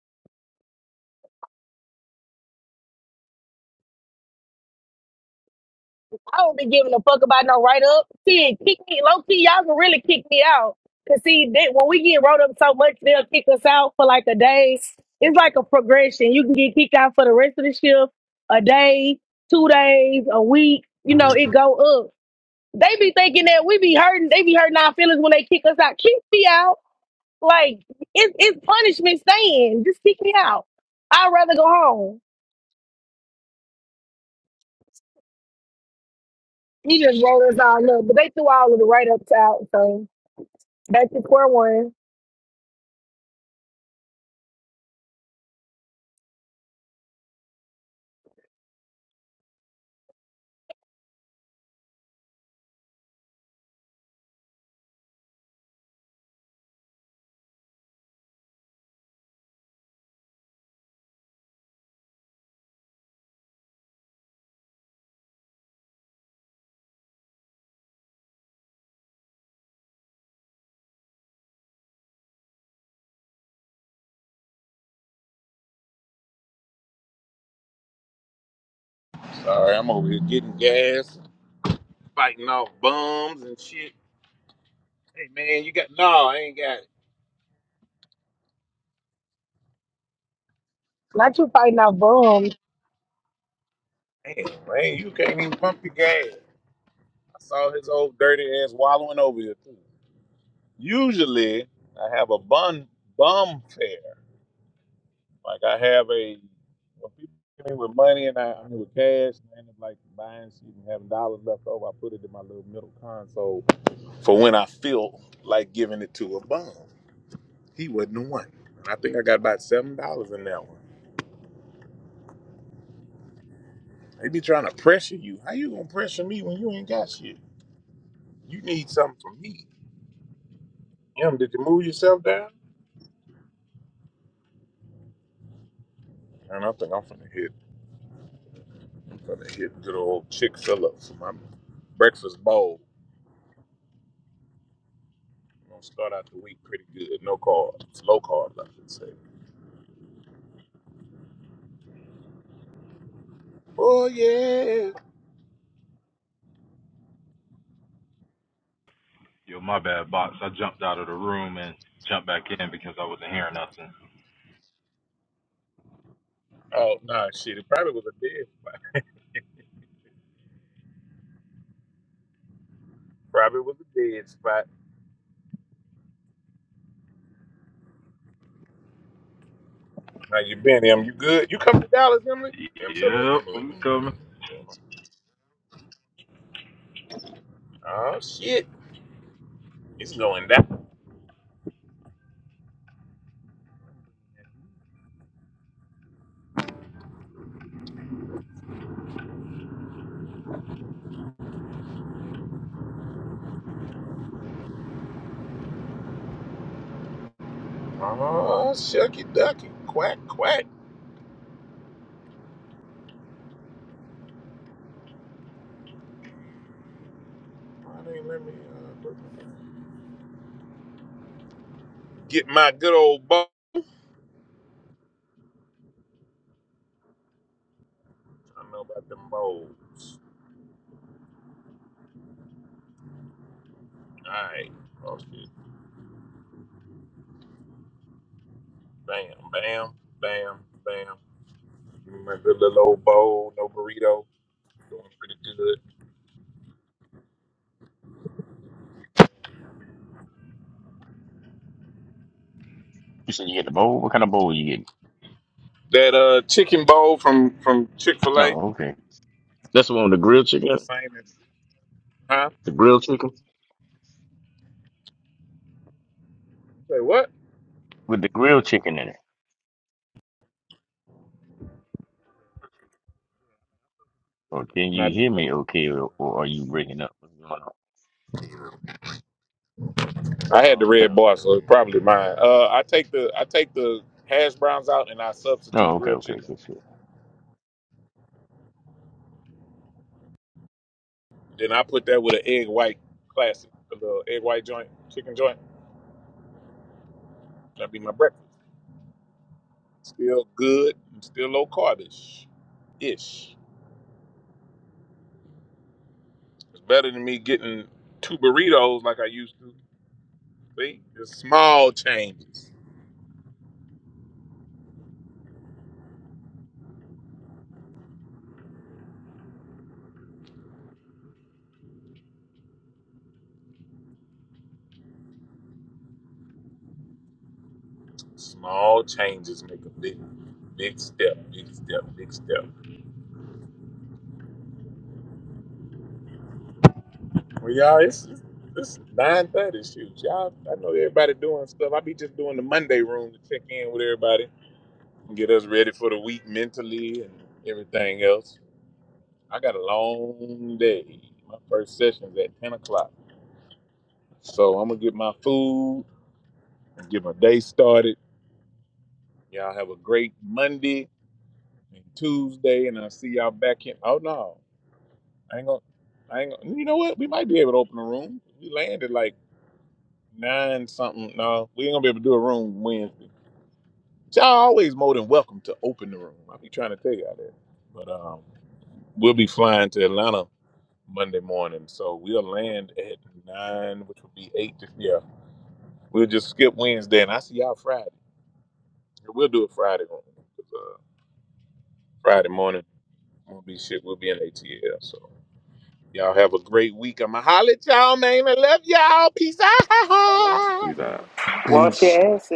S14: I don't be giving a fuck about no write up. See, kick me low key. Y'all can really kick me out. Cause see, that when we get wrote up so much, they'll kick us out for like a day. It's like a progression. You can get kicked out for the rest of the shift, a day, two days, a week. You know, it go up. They be thinking that we be hurting. They be hurting our feelings when they kick us out. Kick me out. Like it's it's punishment staying. Just kick me out. I'd rather go home. You just wrote us all up, but they threw all of the write ups out. So. Back to square one.
S1: Sorry, I'm over here getting gas, fighting off bums and shit. Hey man, you got no, I ain't got it.
S14: Not you fighting off bums.
S1: Damn, man, you can't even pump your gas. I saw his old dirty ass wallowing over here too. Usually I have a bun bum fare. Like I have a when people give me with money and I, I mean with cash and I end up like buying shit and having dollars left over, I put it in my little middle console for when I feel like giving it to a bum. He wasn't the one. And I think I got about seven dollars in that one. They be trying to pressure you. How you gonna pressure me when you ain't got shit? You need something from me. Em, did you move yourself down? And I think I'm finna hit. I'm finna hit good old Chick Fil A for my breakfast bowl. I'm gonna start out the week pretty good. No carbs, low carbs, I should say. Oh yeah.
S15: Yo, my bad, box. I jumped out of the room and jumped back in because I wasn't hearing nothing.
S1: Oh nah, shit. It probably was a dead spot. Probably was a dead spot. How you been, Em? You good? You come to Dallas, Emily? Em, Emily,
S15: Yep,
S1: Emily,
S15: I'm
S1: Em,
S15: coming.
S1: Emily. Oh shit, it's going down. Oh shucky ducky, quack quack. Why they ain't let me? uh. Get my good old balls. I know about them bowls. All right. Oh, Bam, bam, bam, bam. Give me My good little old bowl, no burrito. Doing pretty good.
S3: said you get the bowl? What kind of bowl you get?
S1: That uh chicken bowl from from Chick Fil A.
S3: Oh,
S1: It's
S3: okay. That's the one with the grilled
S1: the
S3: chicken.
S1: same as huh?
S3: The grilled chicken
S1: Say what?
S3: with the grilled chicken in it. Or can you
S1: Not.
S3: hear me? Okay, or, or are you breaking up? What's going on?
S1: I had the
S3: Oh, okay,
S1: red
S3: okay,
S1: bar, so
S3: okay.
S1: it's probably mine. Uh, I take the I take the hash browns out and I substitute
S3: Oh, okay,
S1: grilled
S3: okay. good.
S1: chicken.
S3: good.
S1: Then I put that with an egg white classic, a little egg white joint, chicken joint. That'd be my breakfast. Still good and still low carbish ish. It's better than me getting two burritos like I used to. See, it's small changes. Small changes make a big, big step, big step, big step. Well, y'all, it's it's nine thirty. Shoot, y'all, I know everybody doing stuff. I be just doing the Monday room to check in with everybody and get us ready for the week mentally and everything else. I got a long day. My first session's at ten o'clock. So I'm gonna get my food and get my day started. Y'all have a great Monday and Tuesday, and I'll see y'all back in. Oh no, I ain't gonna. I ain't gonna. You know what? We might be able to open a room. We landed like nine something. No, we ain't gonna be able to do a room Wednesday. But y'all always more than welcome to open the room. I be trying to tell y'all that. But um, we'll be flying to Atlanta Monday morning, so we'll land at nine, which will be eight. To, yeah, we'll just skip Wednesday, and I see y'all Friday. Yeah, We'll do it Friday. on- Uh, Friday morning, we'll be shit. We'll be in ATL. So y'all have a great week. I'ma holler at y'all, man. I love y'all. Peace out. [LAUGHS]
S7: He's out.
S12: Boches